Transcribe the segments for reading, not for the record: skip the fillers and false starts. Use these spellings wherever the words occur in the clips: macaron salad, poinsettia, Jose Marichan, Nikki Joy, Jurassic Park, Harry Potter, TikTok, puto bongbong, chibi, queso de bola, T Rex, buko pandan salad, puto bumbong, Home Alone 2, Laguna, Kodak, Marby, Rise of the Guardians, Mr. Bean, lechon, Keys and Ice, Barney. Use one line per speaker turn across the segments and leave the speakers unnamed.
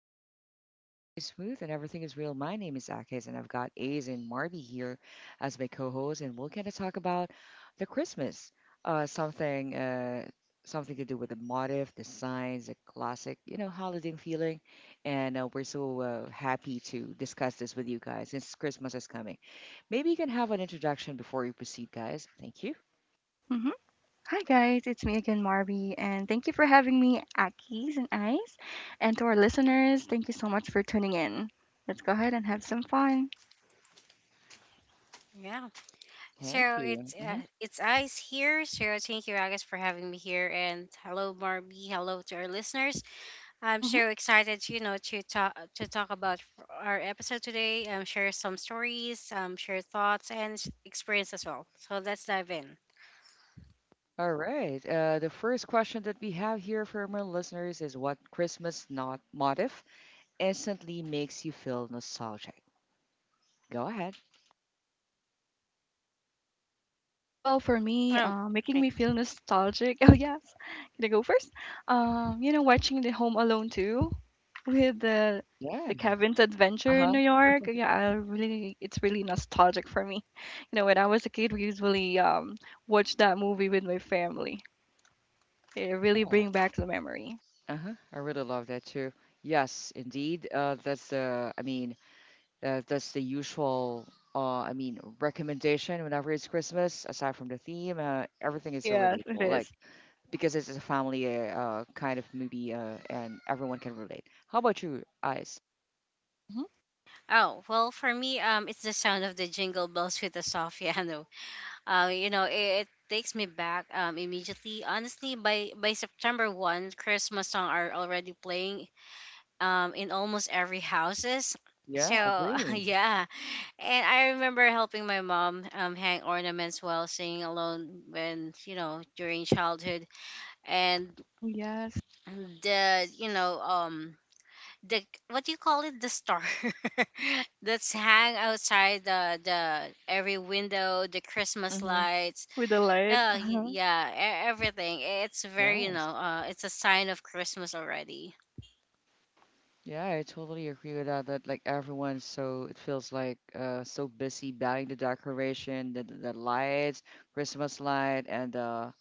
flow easy and the vibe stay smooth and everything is real. My name is Akis, and I've got A's and Marby here as my co-hosts, and we're gonna talk about the Christmas, something, something to do with the motif, the signs, the classic, you know, holiday feeling, and we're so happy to discuss this with you guys since Christmas is coming. Maybe you can have an introduction before we proceed, guys. Thank you.
hmm Hi guys, it's me again, Marby, and thank you for having me at Keys and Ice. And to our listeners, thank you so much for tuning in. Let's go ahead and have some fun.
Yeah.
Thank
So it's
you.
uh,
Mhm.
it's Ice here. So thank you, Agus, for having me here, and hello, Marby. Hello to our listeners. I'm
hmm
so excited to talk about our episode today. Share some stories, share thoughts and experience as well. So let's dive in.
All right. The first question that we have here from our listeners is what Christmas not motif instantly makes you feel nostalgic? Go ahead.
Well, for me,
Oh,
making
okay.
me feel nostalgic. Oh yes, can I go first? You know, watching the Home Alone too, with the
Yeah.
the Kevin's adventure in
Uh-huh.
New York. Yeah, I really, it's really nostalgic for me. You know, when I was a kid, we usually watch that movie with my family. It really
Yeah.
bring back the memory.
Uh-huh, I really love that too. Yes, indeed. That's the usual, recommendation whenever it's Christmas. Aside from the theme, everything is so
Yes, it
relatable. Like,
is.
because it's a family kind of movie and everyone can relate. How about you, Ice?
Mm-hmm.
Oh, well, for me, it's the sound of the jingle bells with the soft piano. It takes me back immediately. Honestly, by September 1, Christmas song are already playing, in almost every houses. So
Yeah, agree.
yeah, and I remember helping my mom, hang ornaments while singing alone, when during childhood, and
Oh, yes.
the, the, what do you call it, the star, that's hang outside the every window, the Christmas lights,
With the lights. Uh-huh.
yeah, everything, it's very,
Yes.
it's a sign of Christmas already.
Yeah, I totally agree with that. That like everyone's so it feels like so busy buying the decoration, the the lights, Christmas light, and uh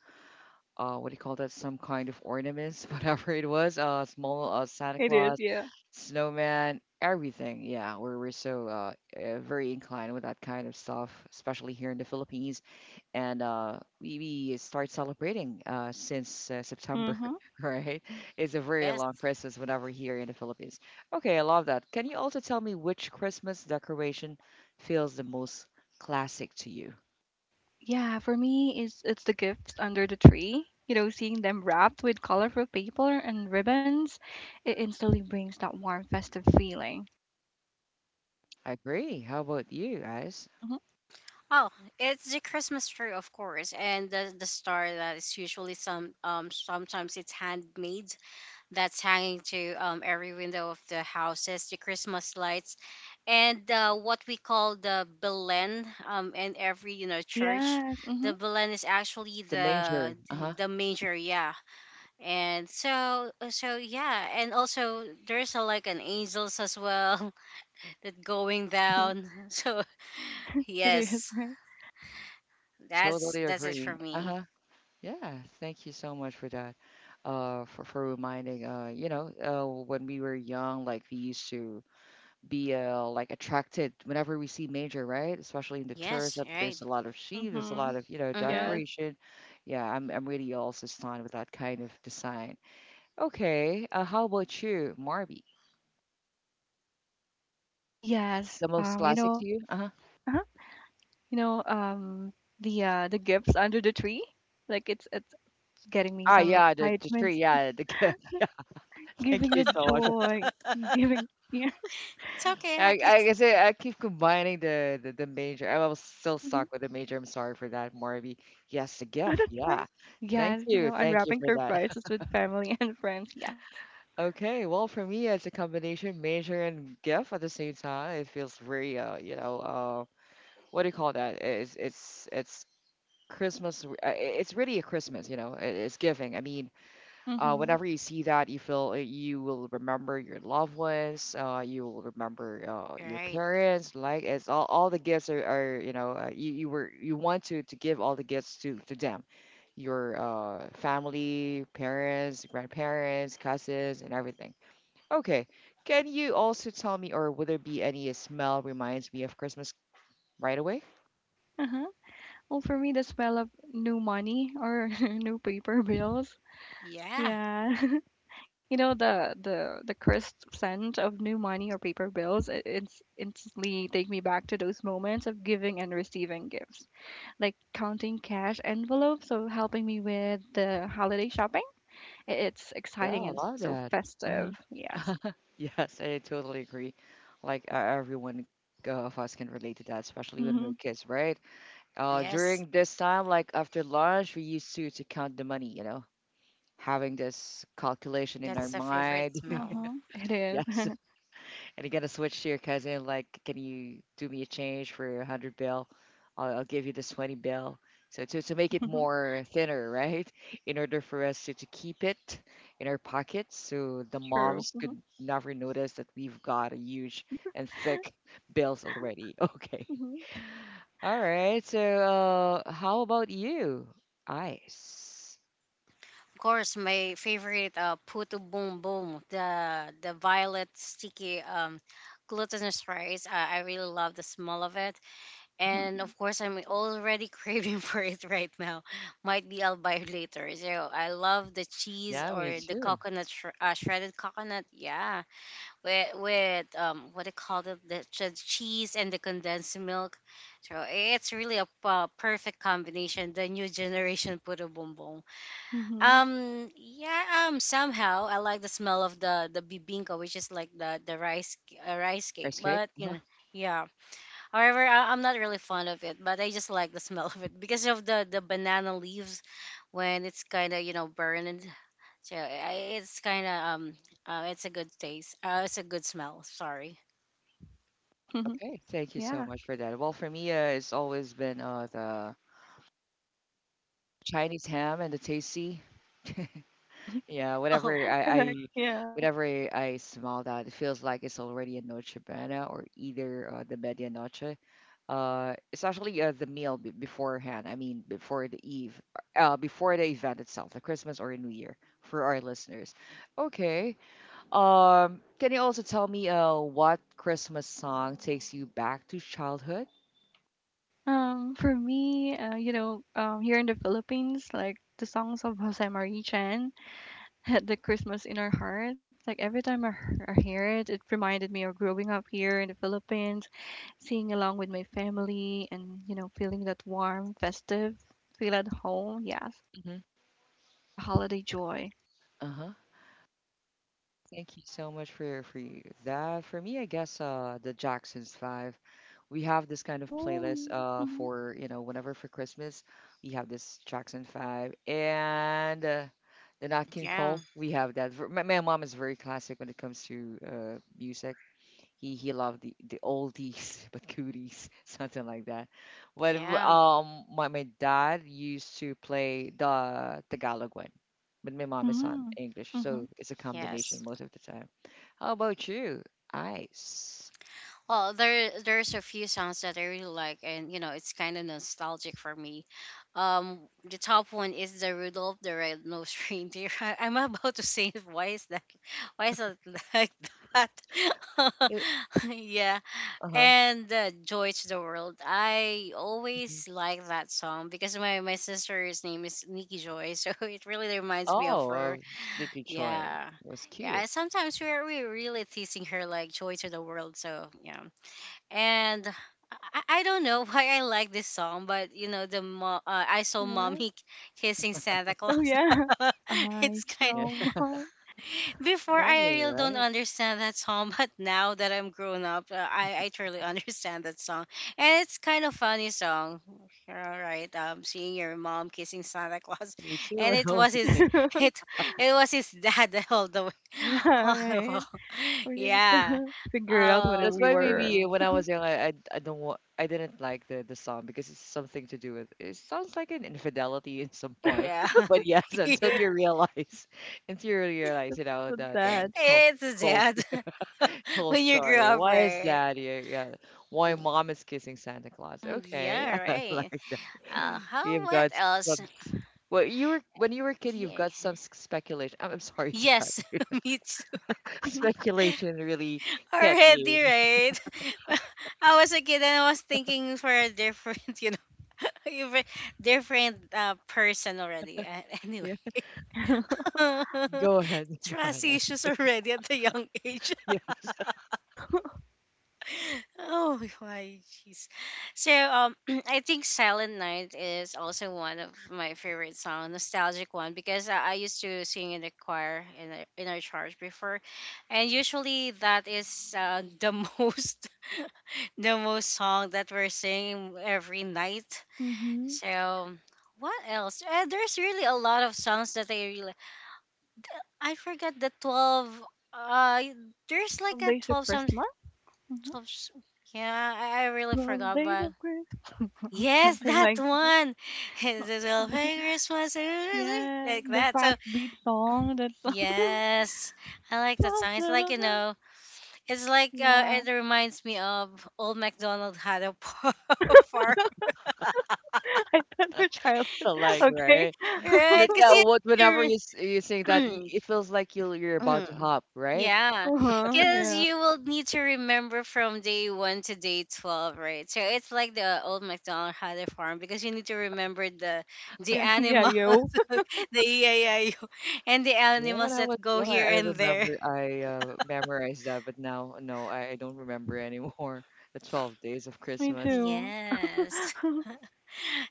uh what do you call that? Some kind of ornaments, whatever it was. Small Santa
It is,
Claus,
yeah.
snowman, everything. Yeah, we're so very inclined with that kind of stuff, especially here in the Philippines. And we start celebrating since September,
Mm-hmm.
right? It's a very
Yes.
long Christmas whenever here in the Philippines. Okay, I love that. Can you also tell me which Christmas decoration feels the most classic to you?
Yeah, for me, it's the gifts under the tree. You know, seeing them wrapped with colorful paper and ribbons, it instantly brings that warm, festive feeling.
I agree. How about you guys?
Mm-hmm.
Oh, it's the Christmas tree, of course, and the star that is usually some, sometimes it's handmade, that's hanging to, every window of the houses, the Christmas lights, and what we call the Belen, in every, church.
Yes.
The
Mm-hmm.
Belen is actually
The
the
major. Uh huh.
the manger, yeah, and so yeah, and also there's a, like an angels as well, that going
Mm-hmm.
down, so
It is,
yes.
right?
That's
Totally
that's it for
agree. Uh
me.
huh. Yeah, thank you so much for that. For reminding. You know, when we were young, like we used to be like attracted whenever we see major, right? Especially in the church,
Yes,
that
right.
there's a lot of sheep, there's a
Mm-hmm.
lot of you know
Yes.
Mm-hmm.
decoration. Yeah, I'm really also stunned with that kind of design. Okay, how about you, Marby?
Yes.
The most
You
classic
know,
to you? Uh huh.
uh-huh. you know, the The gifts under the tree, like it's getting me
Ah,
some
yeah, the
excitement.
tree, yeah, the gift. Yeah,
Giving the
thank you so much.
joy, giving yeah.
It's okay,
I
Akis.
guess I keep combining the major. I was still
hmm
stuck with the major. I'm sorry for that, Marby. Yes, the
Oh,
gift.
that's fine.
Yeah,
Yes, you know,
thank you
unwrapping
for that.
surprises with family and friends. Yes.
Okay, well, for me, it's a combination major and GIF at the same time. It feels very, you know, what do you call that? It's it's Christmas. It's really a Christmas, you know. It's giving.
Mm-hmm.
Whenever you see that, you feel you will remember your loved ones. You will remember your
Right.
parents. Like it's all the gifts are you know, you want to give all the gifts to them, your family, parents, grandparents, cousins, and everything. Okay. Can you also tell me, or would there be any smell reminds me of Christmas right away?
Uh-huh. Well, for me, the smell of new money or new paper bills.
Yeah.
Yeah. You know, the crisp scent of new money or paper bills, it's instantly take me back to those moments of giving and receiving gifts, like counting cash envelopes, or helping me with the holiday shopping. I It's
Yeah,
exciting
I
and so
love that.
festive.
Hmm.
Yes.
Yes, I totally agree. Like everyone of us can relate to that, especially when we're
Mhm.
kids, right?
Yes.
During this time, like after lunch, we used to count the money, you know, having this calculation in our
That's the favorite
mind.
smell.
Mhm. It is.
Yes, and you got to switch to your cousin, like, can you do me a change for a hundred bill? I'll give you this 20 bill. So to make it
Mhm.
more thinner, right? In order for us to keep it in our pockets, so the
True.
moms could
Mhm.
never notice that we've got a huge and thick bills already. Okay.
Mhm.
All right. So how about you? Ice.
Of course, my favorite puto boom boom, the violet sticky, glutinous rice. I really love the smell of it, and
Mhm.
of course, I'm already craving for it right now. Might be I'll buy it later. So I love the cheese
Yeah, me
or the
too.
coconut, shredded coconut. Yeah, with what they call it, the cheese and the condensed milk, so it's really a, perfect combination, the new generation puto bumbong.
Mhm. Mhm.
Yeah. Somehow I like the smell of the bibingka, which is like the rice cake,
Rice cake.
but
Huh.
yeah. However, I'm not really fond of it, but I just like the smell of it because of the banana leaves when it's kind of, burned. So I, it's kind of It's a good taste. It's a good smell. Sorry.
Okay, thank you so
Yeah.
much for that. Well, for me, it's always been the Chinese ham and the tasty. Yeah,
Oh,
Whatever
Correct.
I
Yeah.
whenever I smell that, it feels like it's already a noche buena or either the medianoche. It's actually the meal beforehand. I mean, before the eve, before the event itself, the Christmas or New Year for our listeners. Okay. Can you also tell me what Christmas song takes you back to childhood?
For me, you know, here in the Philippines, like the songs of Jose Marichan had the Christmas in our hearts. Like every time I hear it, it reminded me of growing up here in the Philippines, singing along with my family, and you know, feeling that warm, festive feel at home. Yes.
Mm-hmm.
And the holiday joy.
Thank you so much for you. That for me, I guess the Jackson's Five. We have this kind of
Oh,
playlist
mhm,
for you know whenever for Christmas we have this Jackson Five and the Nat King
yeah,
Cole. We have that. My, my mom is very classic when it comes to music. He loved the oldies but goodies, something like that. But
yeah,
my my dad used to play the Tagalog one, but my mom is on
Mm,
English, so
mhm.
it's a
yes.
combination most of the time. How about you? Ice.
Well, there's a few songs that I really like, and it's kind of nostalgic for me. The top one is the Rudolph the Red Nosed Reindeer. I'm about to say it. Why is that? Why is it like that?
It,
Yeah,
uh-huh.
and Joy to the World. I
Mhm.
always like that song because my sister's name is Nikki Joy, so it really reminds me of
Oh,
her.
Vicky Choi
Yeah.
was
Yeah,
cute.
and sometimes we're really teasing her like joy to the world. So, yeah. And I don't know why I like this song, but I saw
Yeah.
mommy kissing Santa
Oh,
Claus.
yeah. I
It's kind.
Yeah,
so want-
I
Before
love it,
I really don't
right?
understand that song, but now that I'm grown up, I truly understand that song, and it's kind of funny song. All right, seeing your mom kissing Santa Claus,
Me too
and
when
it
I
was
was a kid.
his it it was his dad, all the way,
Yeah,
all the
right.
way.
We just
Yeah.
figured out what
That's
Um.
we
why
were.
maybe when I was young, I don't want I didn't like the song because it's something to do with it sounds like an infidelity in some point.
Yeah.
But yes, until you realize, until you realize,
Just
you know,
with that.
the whole
It's
whole,
dead,
s- whole
when you grow
story.
up,
Why is
right?
that? Yeah, yeah. Why
Mm,
mom is kissing Santa Claus?
mm,
Okay,
yeah,
I
right.
like that.
How,
You've
what
got some.
else?
S- Well, you were when you were a kid, you've
Here.
got some speculation. I'm sorry to cut
Yes,
you.
me too.
Speculation really hit
Already,
you.
right? I was a kid and I was thinking for a different, even different, person already. Anyway,
Yeah. Go ahead, go ahead.
trust issues already at the young age.
Yes,
Oh my jeez. So, I think Silent Night is also one of my favorite song, nostalgic one, because I used to sing in the choir in our church before. And usually that is, the most most song that we're singing every night.
hmm
So what else? There's really a lot of songs that I forgot the 12, uh there's like
12
a
days of
12, some,
Christmas? Hmm
Top Sh- yeah, I really
12
forgot
days
about.
of Christmas.
Yes,
Something
that
like,
one. This will be Christmas
yeah,
like
the
that. So
fast beat song that.
yes, I like
12,
that song.
da,
It's
da,
like,
da. Yeah.
it reminds me of Old MacDonald had a pub farm,
I thought your childhood.
so like
Okay.
right,
right?
but
Because
what whenever
you.
you sing that, it feels like you you're
Hmm.
about to hop, right?
Yeah,
Uh huh.
because
Yeah.
you will need to remember from day one to day 12, right? So it's like the Old MacDonald had a farm because you need to remember the
Yeah, yeah,
animals,
yo.
the EIO, and the
Yeah, when
animals
I
that
was
go
young,
here
I
and there.
remember I memorized that, but now no, I don't remember anymore. The 12 days of
Me
Christmas.
too.
Yes.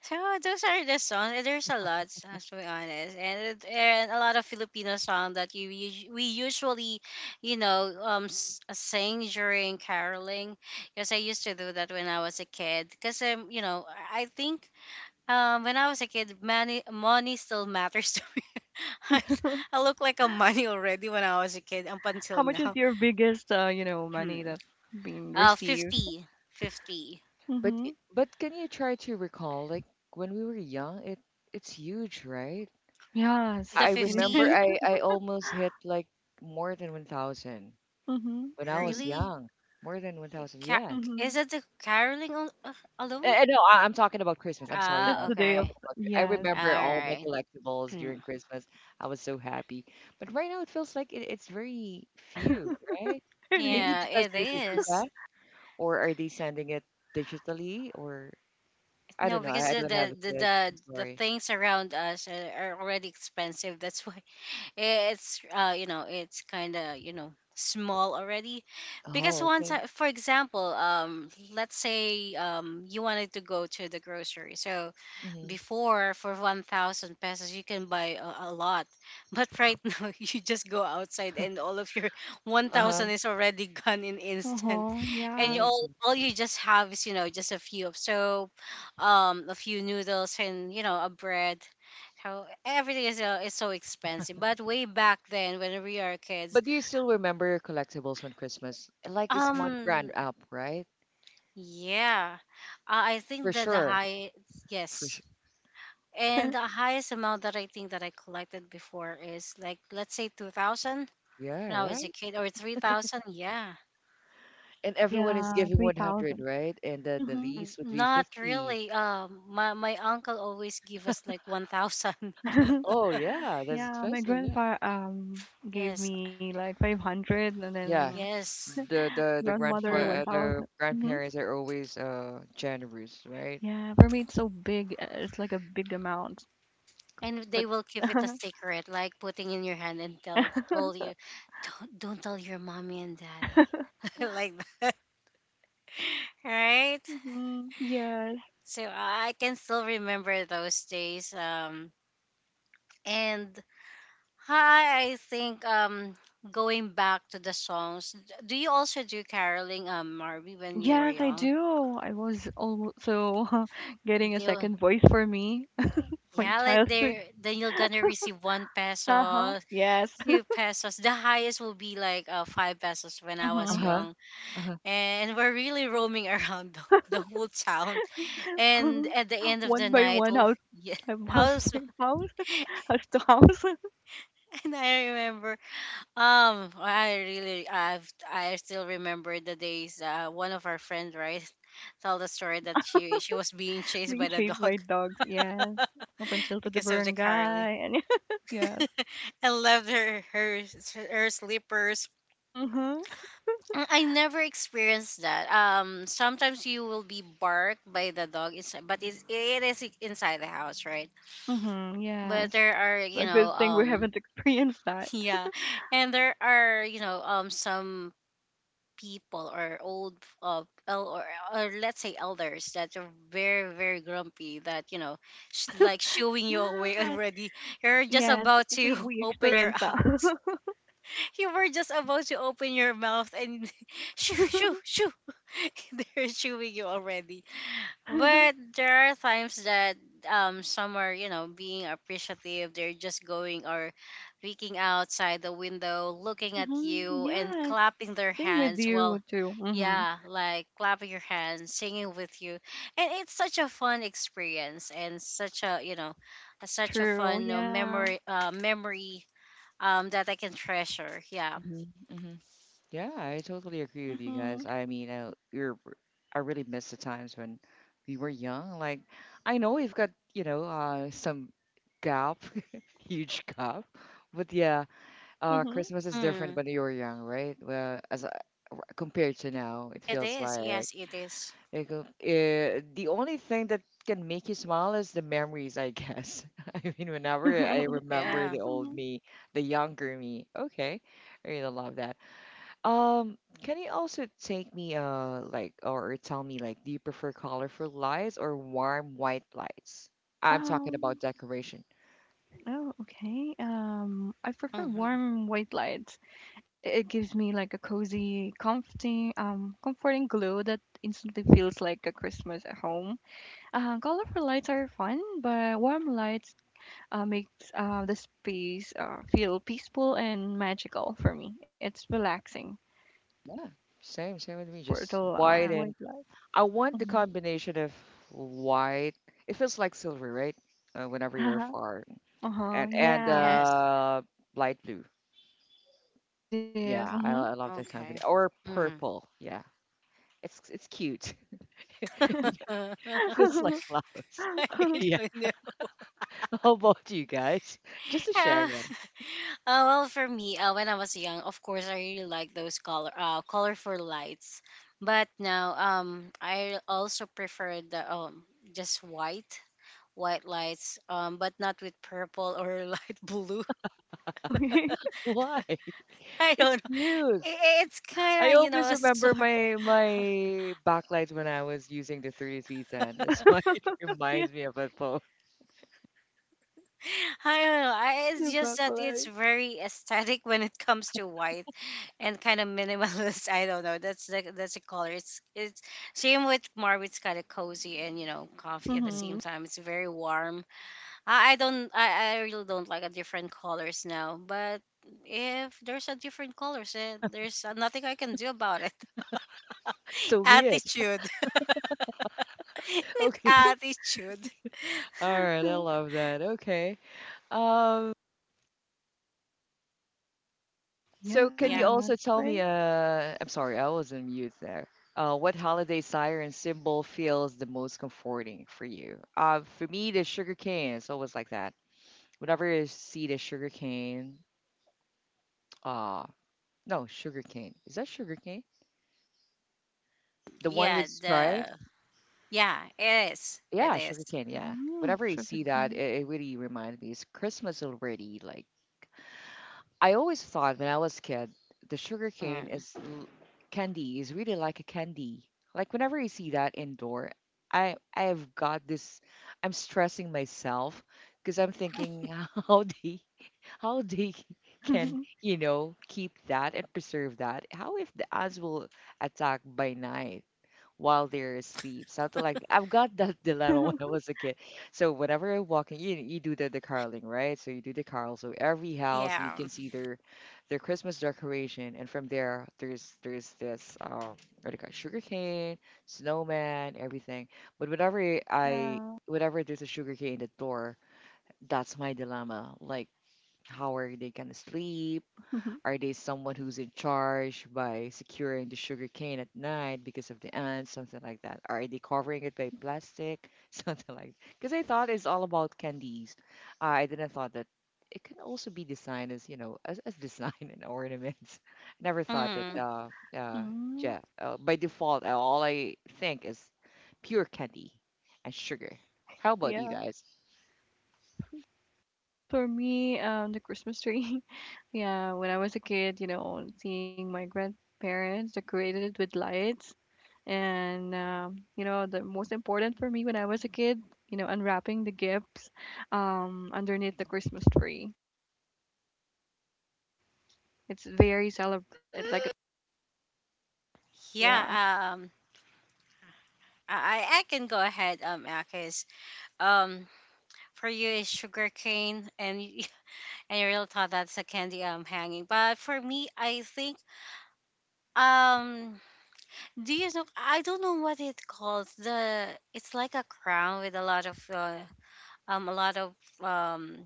So those are the songs. And there's a lot, to be honest, and a lot of Filipino song that we usually, sing during caroling. Because I used to do that when I was a kid. Because, I think, when I was a kid, money still matters to me. I, I look like a money already when I was a kid up
How
until
much is
now.
your biggest, you know,
Hmm.
money that been received?
50. Fifty.
But
Mm-hmm.
i- but can you try to recall like when we were young? It it's huge, right?
Yes,
The
I
it
remember
50?
is.
I almost hit like more than 1,000
Mm-hmm.
when I was
Really?
young. More than 1,000,
Ca-
yeah.
Mm-hmm.
is it the caroling, alone?
No, I'm talking about Christmas. I'm sorry,
Just
Ah,
guys.
the
I'm
day of,
okay.
talking about I
yes.
All
remember all my
right.
collectibles during Christmas. I was so happy. But right now, it feels like it's very few, right?
It is.
Maybe
Yeah,
because
it
there's a
is.
Gcash, or are they sending it digitally? Or I
No,
don't know.
because
I
the
don't have
the
a
the
kid.
the,
I'm
the
sorry.
things around us are already expensive. That's why it's kind of, small already. Because
Oh,
once,
okay.
for example, let's say, you wanted to go to the grocery, so
Mm-hmm.
before, for 1,000 pesos you can buy a lot, but right, now you just go outside, and all of your
Uh-huh.
1,000 is already gone in instant,
Uh-huh.
and
Yeah,
you
Yeah.
I see.
all you just have is, just a few of soap, a few noodles, and, a bread, so everything is so expensive, but way back then when we are kids.
But do you still remember your collectibles when Christmas? Like it's 1 grand
um
up, right?
yeah. I think
For
that the
sure.
high. Yes.
For sure.
And the highest amount that I think that I collected before is, like, let's say 2,000
Yeah,
when I was a
right?
kid, or 3,000. Yeah.
And everyone is
Yeah,
giving 100,
3,000.
right? And then the
Mm-hmm.
lease would be
Not
50.
really. My uncle always give us like 1,000.
Oh yeah, that's
Yeah, my
expensive. Yeah.
grandpa gave
Yes,
me like 500 and then
Yeah,
yes.
the
grandmother
Mhm.
grandfather
1,000.
the
Mm-hmm.
grandparents are always generous, right?
Yeah, for me it's so big. It's like a big amount.
And
But
they will give it a secret, like putting in your hand, and tell told you, don't tell your mommy and daddy, like that, right.
Mhm. Yeah.
So I can still remember those days, and hi, I think, going back to the songs, do you also do caroling, Marby, when you were
Yes, I
young?
do. I was also getting a
Do you-
second voice for me, my
yeah, like
childhood.
there, then you're gonna receive one
Uh-huh.
peso,
Yes.
two pesos. The highest will be like, 5 pesos when I was
Mm-hmm.
Uh-huh.
young,
Uh-huh.
and we're really roaming around the whole town. And at the end of the
One by
night,
one,
well,
house,
yeah,
house
house.
by house, house to house,
And I remember, I still remember the days. One of our friends, right, told the story that she was being chased
being
by the
chased
dog
by dogs. Yes. Up until to the
because of the Carly,
barangay. And yes.
and left her slippers.
Mm-hmm.
Mm, I never experienced that. Sometimes you will be barked by the dog, inside, but it is inside the house, right?
Mm-hmm.
But
Yes.
there are,
A good thing we haven't experienced that.
yeah, and there are, some people, or old, uh, el- or, or let's say, elders that are very, very grumpy that, like, shooing you away,
Yes.
already. You're just
Yes.
about
We
to
we
open your
experienced that.
mouth. You were just about to open your mouth, and shoo, shoo, shoo, they're shooing you already. But there are times that, some are, being appreciative. They're just going or peeking outside the window, looking at
Mm-hmm.
you and
Yes.
clapping their
Thing with
hands while,
you too. Mhm.
yeah, like clapping your hands, singing with you. And it's such a fun experience, and such a
True.
fun,
Yeah.
memory, that I can treasure. Yeah.
Hmm. Hmm. Yeah, I totally agree with you guys.
Mhm.
I mean, you're I really miss the times when we were young. Like, I know we've got, you know, some gap, huge gap. But yeah,
Mhm.
Christmas is different
Mm,
when you were young, right? Well, compared to now, it
it
feels
is.
like
Yes, it is.
the only thing that can make you smile is the memories, I guess. I mean, whenever I
Mhm.
remember
Yeah.
the old me, the younger me, okay, I really love that. Um, can you also take me, like, or tell me, like, do you prefer colorful lights or warm white lights? I'm talking about
Um.
decoration.
Oh, okay. I prefer
Mm-hmm.
warm white lights. It gives me like a cozy, comfy, comforting glow that instantly feels like a Christmas at home. Colorful lights are fun, but warm lights makes the space feel peaceful and magical for me. It's relaxing
Yeah, same, same with me,
for the
just white
Yeah.
and
white light.
I want the
Mhm.
combination of white. It feels like silver, right? Whenever you're far,
Uh-huh,
and
yeah,
Yes.
light blue.
it is,
Yeah,
mhm.
I love that
Okay.
combination. Or
Mm.
purple. Yeah, it's cute.
I
Feels like clouds. Yeah.
don't know.
How about you guys? Just to share,
Uh,
yeah.
Well, for me, when I was young, of course, I really like those colorful lights. But now, I also prefer the, just white lights. But not with purple or light blue.
Okay,
Why?
I
It's
don't know.
cute.
It's kind
I
of,
always
a sor-.
remember my my backlights when I was using the 33 cent. That's why it
yeah,
reminds me of a phone.
I don't know. It's
the
just that it's
buffalo.
very aesthetic when it comes to white, and kind of minimalist. I don't know. That's the color. It's same with Marv. It's kind of cozy, and, coffee at the same
Mhm.
time. It's very warm. I really don't like a different colors now. But if there's a different colors, there's nothing I can do about it.
So weird.
Attitude with
Okay.
attitude.
All right, I love that. Okay. Um, so can you
Yeah,
Yeah,
also
right?
tell me, I'm sorry, I was on mute there. What holiday siren symbol feels the most comforting for you? For me, the sugar cane is always like that. Whenever I see the sugar cane, uh, no, sugar cane. Is that sugar cane? The one
yeah,
with
the
stripes?
yeah it is. It
Yeah, sugar
is.
cane, yeah.
Mhm,
Whenever I
Sugar
see that,
cane.
it really reminds me. It's Christmas already, like. I always thought when I was a kid, the sugar cane
Mm.
is l- candy is really like a candy. Like whenever you see that indoor, I've got this. I'm stressing myself because I'm thinking how they can you know keep that and preserve that. How if the ants will attack by night, while they're asleep? Something like that. I've got that dilemma when I was a kid. So whenever I walk in, you do the caroling, right? So you do the carol. So every
Yeah.
house you can see their Christmas decoration, and from there there's this what do you call it, sugarcane, snowman, everything. But whenever I
Yeah.
Whenever there's a sugarcane at the door, that's my dilemma. Like how are they gonna sleep? Are they someone who's in charge by securing the sugar cane at night because of the ants, something like that? Are they covering it by plastic, something like? Because I thought it's all about candies. I didn't thought that it can also be designed as design and ornaments. I never thought that.
Mm.
Uh,
Mhm,
yeah, by default, all I think is pure candy and sugar. How about you
yeah.
guys?
For me, the Christmas tree, yeah, when I was a kid, you know, seeing my grandparents decorated it with lights and, you know, the most important for me when I was a kid, you know, unwrapping the gifts, underneath the Christmas tree. It's very celebrated. Like, yeah.
Yeah. I can go ahead. Akis. Um, for you is sugar cane and you, and you really thought that's a candy hanging. But for me, I think, um, do you know, I don't know what it calls, the, it's like a crown with a lot of um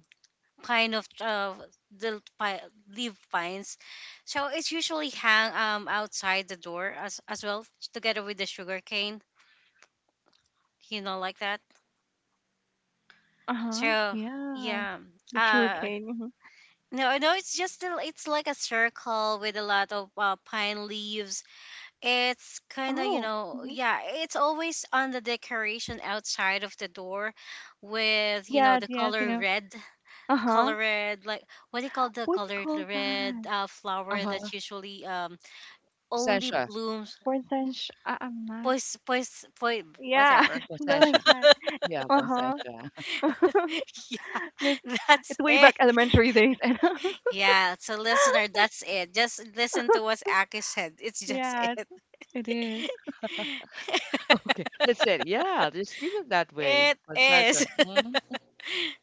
pine of the pi- leaf pines. So it's usually hang outside the door as well, together with the sugar cane, you know, like that.
Uh huh.
So
Yeah,
yeah,
the
uh,
sugarcane. Mm-hmm.
no, I know it's just a, it's like a circle with a lot of pine leaves. It's kind of, you
Oh.
know,
Mm-hmm.
yeah, it's always on the decoration outside of the door,
Oh
with, you know,
yes,
the
yes, you
color
know.
red,
Uh
color
huh.
red, like, what do you call the
What do you
colored
call that?
red
Uh
flower that
huh.
usually only
Sencha,
blooms.
For instance, I'm not.
Pois pois poi,
Yeah,
whatever.
something
Sencha.
like that.
Yeah,
Uh huh.
Sencha.
It's,
Yeah,
it's
that's
way back
it.
elementary days, and
Yeah, so listener, that's it, just listen to what Aki said. It's just
yeah, it's,
it,
It is.
Okay, that's it. Yeah, just leave it that way.
it
Possessor.
is.
Mhm.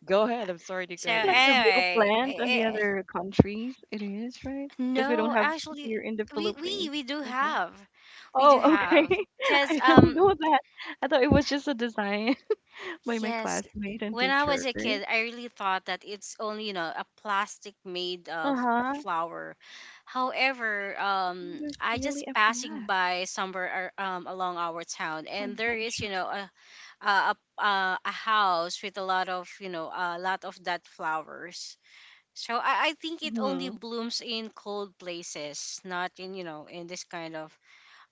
Go ahead. I'm sorry to
Is
So
it
cut
like
you.
a real
anyway,
plant in the other countries? It is right. Because we don't
no,
have
actually,
here in the
we we
Philippines,
we
I
do
guess.
have, we
Oh,
do
okay.
have,
I
cause
don't know that. I thought it was just a design. By my
yes,
classmate and
when I was a
teachers.
kid, I really thought that it's only, you know, a plastic made of
Uh-huh.
flour. However,
Oh, there's
I
really
just
a
passing
yeah,
by somewhere along our town, and there is,
poinsettia.
you know, a a, a house with a lot of, you know, a lot of that flowers. So I think it only
Mm-hmm.
blooms in cold places, not in, you know, in this kind of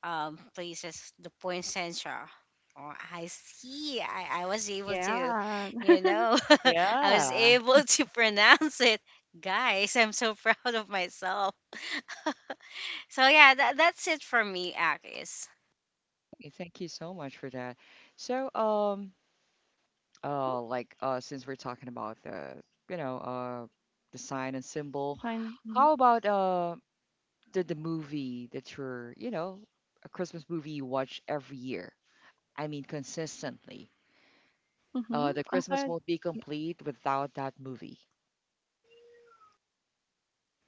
places. The poinsettia. Oh, I see. I was able to,
Yeah.
you know, I was
Yeah.
able to pronounce it. Guys, I'm so proud of myself. So yeah, that, that's it for me, Akis.
Okay, thank you so much for that. So, um,
hmm
uh, like, since we're talking about you know, uh, the sign and
The
symbol,
sign. Hmm
how about the movie that you're, you know, a Christmas movie you watch every year? I mean, consistently.
hmm
The Christmas
Aside,
won't be
yeah.
complete without that movie.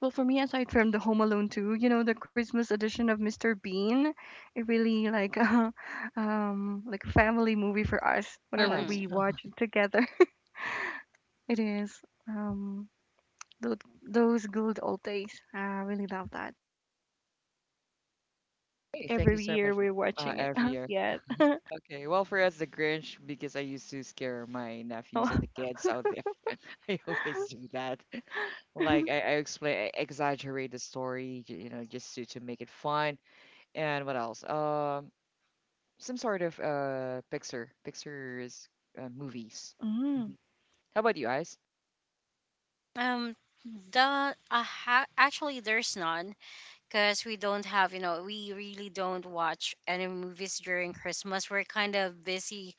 Well, for me, aside from the Home Alone 2, you know, the Christmas edition of Mr. Bean, it really like like a family movie for us. Whenever
Yes.
Mm-hmm.
we watch it together, it is um those those good old days. I really love that. Like
Okay. Thank you
every
so much
year
for
we're watching it.
every year.
Yes.
Okay, well, for us, the Grinch, because I used to scare my nephews and the kids out there. I always do that. Like I, I explain, I exaggerate the story, you know, just to make it fun. And what else? Some sort of picture, pictures, movies.
Mm.
Mhm. How about you guys?
Um, the actually there's none. Because we don't have, you know, we really don't watch any movies during Christmas. We're kind of busy.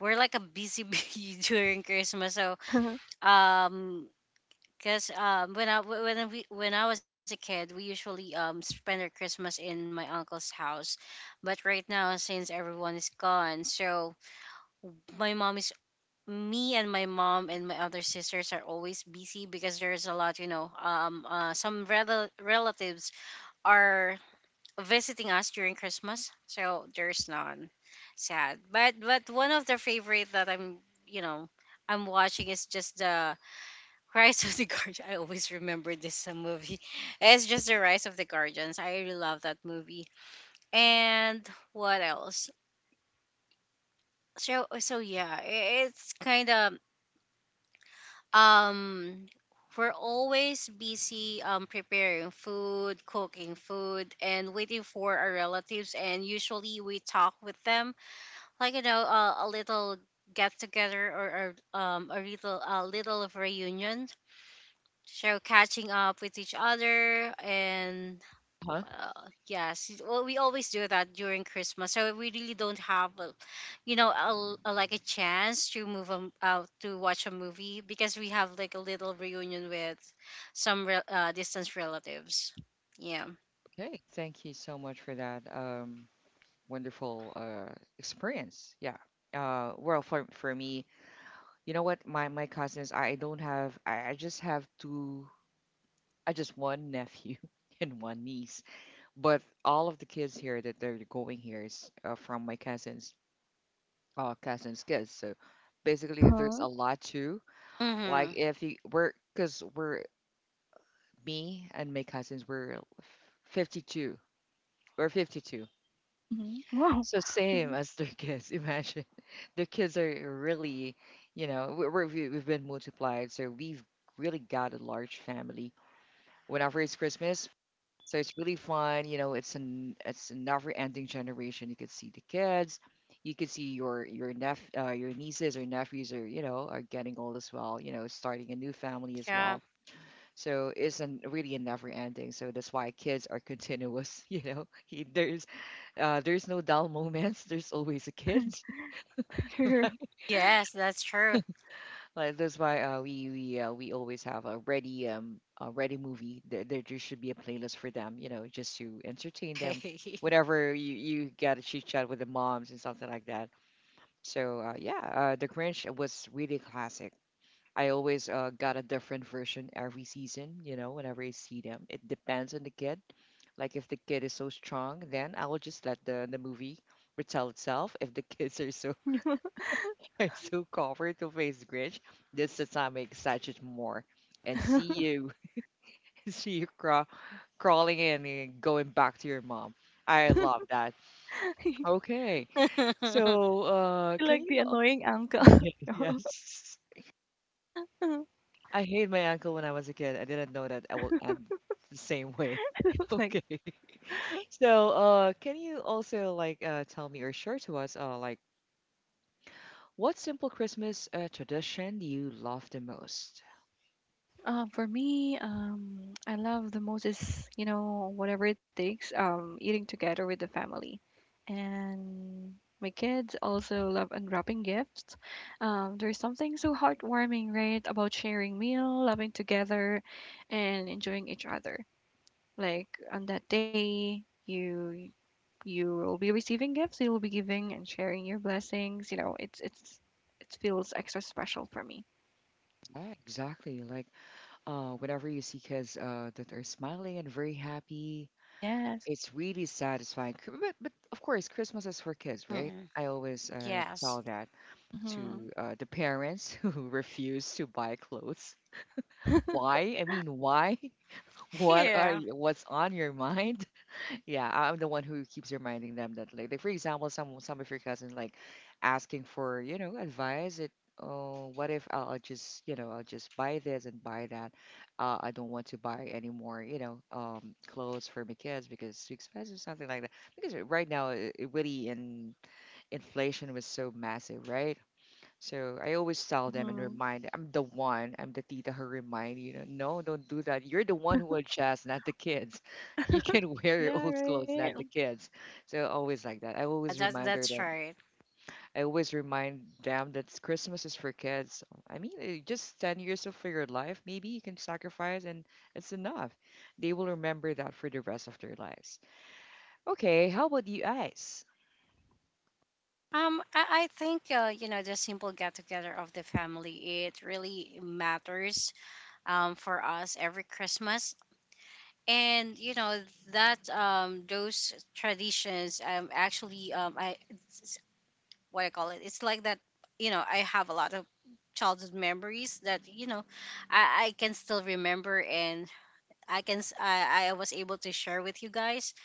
We're like a busy bee during Christmas. So, um, because when I was a kid, we usually spend our Christmas in my uncle's house. But right now since everyone is gone, so my mom is me and my mom and my other sisters are always busy because there's a lot, you know, some relatives are visiting us during Christmas. So there's none. Sad. But one of the favorite that I'm, you know, I'm watching is just the Rise of the Guardians. I always remember this movie. It's just the Rise of the Guardians. I really love that movie. And what else? So so yeah, it's kind of, um, we're always busy preparing food, cooking food, and waiting for our relatives. And usually we talk with them, like, you know, a little get together, or a little of reunion, so catching up with each other and
Huh?
yes, well, we always do that during Christmas. So we really don't have a, you know, like a chance to move um out to watch a movie because we have like a little reunion with some distant relatives. Yeah.
Okay, thank you so much for that wonderful experience. Yeah. Well, for me, you know what? My cousins, I don't have I just have two, I just one nephew and one niece. But all of the kids here that they're going here is from my cousins cousins kids. So basically there's
Uh-huh.
a lot too. Like
Mm-hmm.
if you we're because we're me and my cousins, we're 52. We're 52.
Mhm. Wow.
So same
Mhm.
as their kids. Imagine their kids are really, you know, we've been multiplied. So we've really got a large family whenever it's Christmas. So it's really fun. You know, it's a never-ending generation. You could see the kids, you could see your neph your nieces or nephews are you know are getting old as well. You know, starting a new family as
Yeah.
well. So it's really a never-ending. So that's why kids are continuous. You know, there's no dull moments. There's always a kid.
are
Yes, that's true.
Like that's why we always have a ready movie. There just should be a playlist for them, you know, just to entertain them. Whenever you got to chit chat with the moms and something like that. So yeah, The Grinch was really classic. I always got a different version every season, you know, whenever I see them. It depends on the kid. Like if the kid is so strong, then I will just let the movie retell itself. If the kids are so so covered to face Grinch. This the time I excited more and see you, see crawling in and going back to your mom. I love that. Okay,
Yeah.
so
You're
can
like
you?
the
Oh,
annoying uncle.
yeah, yes, I hate my uncle when I was a kid. I didn't know that I will end the same way.
Like,
Okay, so can you also like tell me or share to us like what simple Christmas tradition do you love the most?
for me, I love the most is, you know, whatever it takes, eating together with the family. And my kids also love unwrapping gifts. There's something so heartwarming, right, about sharing meal, loving together, and enjoying each other. Like on that day, you will be receiving gifts, you will be giving and sharing your blessings, you know, it's it feels extra special for me.
Yeah, exactly. Whenever you see kids that are smiling and very happy,
Yes.
it's really satisfying. But of course, Christmas is for kids, right? I always
Yes.
tell that
hmm
to the parents who refuse to buy clothes.
hmm
Why? I mean, why? What are
Yeah,
you, what's on your mind? Yeah, I'm the one who keeps reminding them that, like for example, some of your cousins like asking for, you know, advice. Oh, what if I'll just, you know, I'll just buy this and buy that. I don't want to buy any more, you know, clothes for my kids because it's too expensive, something like that. Because right now, it really in inflation was so massive, right? So I always tell them and remind, I'm the tita who remind you, know, no, don't do that. You're the one who will adjust, not the kids. You can wear your
Yeah,
old clothes,
right.
not the kids. So always like that. I always remind her
that's
them.
right.
I always remind them that Christmas is for kids. I mean, just 10 years of your life, maybe you can sacrifice and it's enough. They will remember that for the rest of their lives. Okay, how about you guys?
I think, you know, the simple get together of the family, it really matters for us every Christmas. And you know that those traditions actually I what I call it, it's like that. You know, I have a lot of childhood memories that, you know, I can still remember, and I can s- I was able to share with you guys.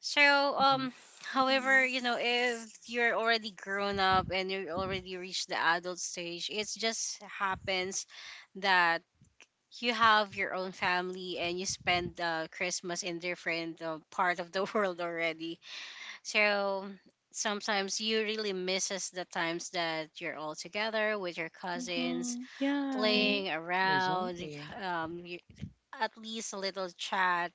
So,
Mhm.
um, however,
hmm
you know, if you're already grown up and you already reached the adult stage, it just happens that you have your own family and you spend Christmas in different part of the world already. So sometimes you really misses the times that you're all together with your cousins,
hmm Yeah,
Mhm.
right,
playing around,
Exactly.
um, you, at least a little chat.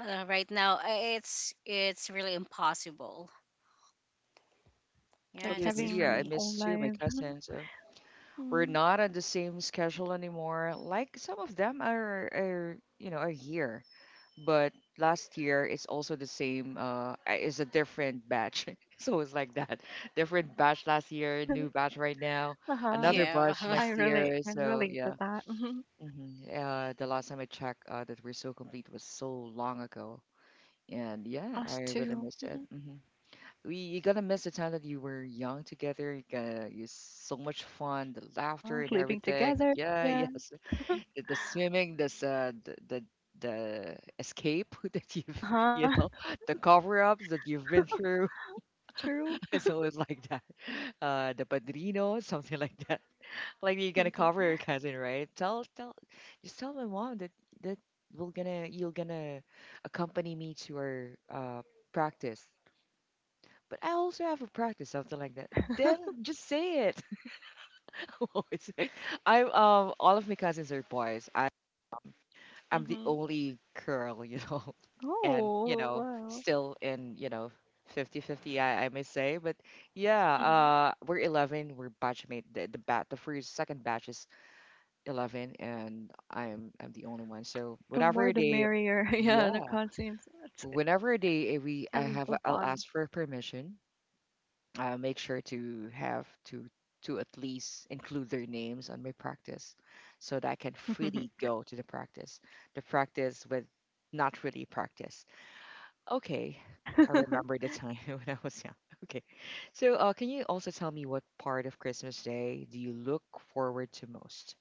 Right now, it's really impossible.
like
Yeah,
Totally
that's
agree.
it for
Yeah, I
having
me.
own
miss too my
life.
cousins. Oh, we're
Mm.
not on the same schedule anymore. Like some of them are you know, a year, but last year it's also the same, it's a different batch. So it's like that. Different batch last year, new batch right now,
Uh-huh.
another
Yeah.
batch
I
next
really
year.
can
So
relate
yeah.
to that. Hmm
Hmm. The last time I checked, that we're so complete was so long ago. And yeah, I
Us
really
too.
missed it. Mm-hmm. we you're gonna miss the time that you were young together. You're gonna use so much fun, the
Uh-huh,
laughter and
sleeping
everything.
together.
Yeah,
Yeah.
yes, the swimming, the escape that
Uh-huh.
you know the cover ups that you've been through.
True.
It's always like that. The padrino, something like that. Like you're gonna cover your cousin, right? Tell tell just tell my mom that that we're gonna you're gonna accompany me to our practice, but I also have a practice, something like that. Then just say it. I'm always like- I'm, all of my cousins are boys. I, I'm the
Hmm
only girl, you know, and, you
Oh
know,
wow.
still in, you know, 50-50, I may say. But yeah,
hmm
we're 11. We're batchmate. The first, second batch is 11, and I'm the only one. So
The more
whenever
the
they,
merrier. Yeah, the
yeah,
conscience. It's
whenever they, eh,
That
we, I
was so
have, I'll
fun.
ask for permission make sure to have to at least include their names on my practice so that I can freely go to the practice. The practice with not really practice. Okay. I remember the time when I was young. Okay. So can you also tell me what part of Christmas Day do you look forward to most?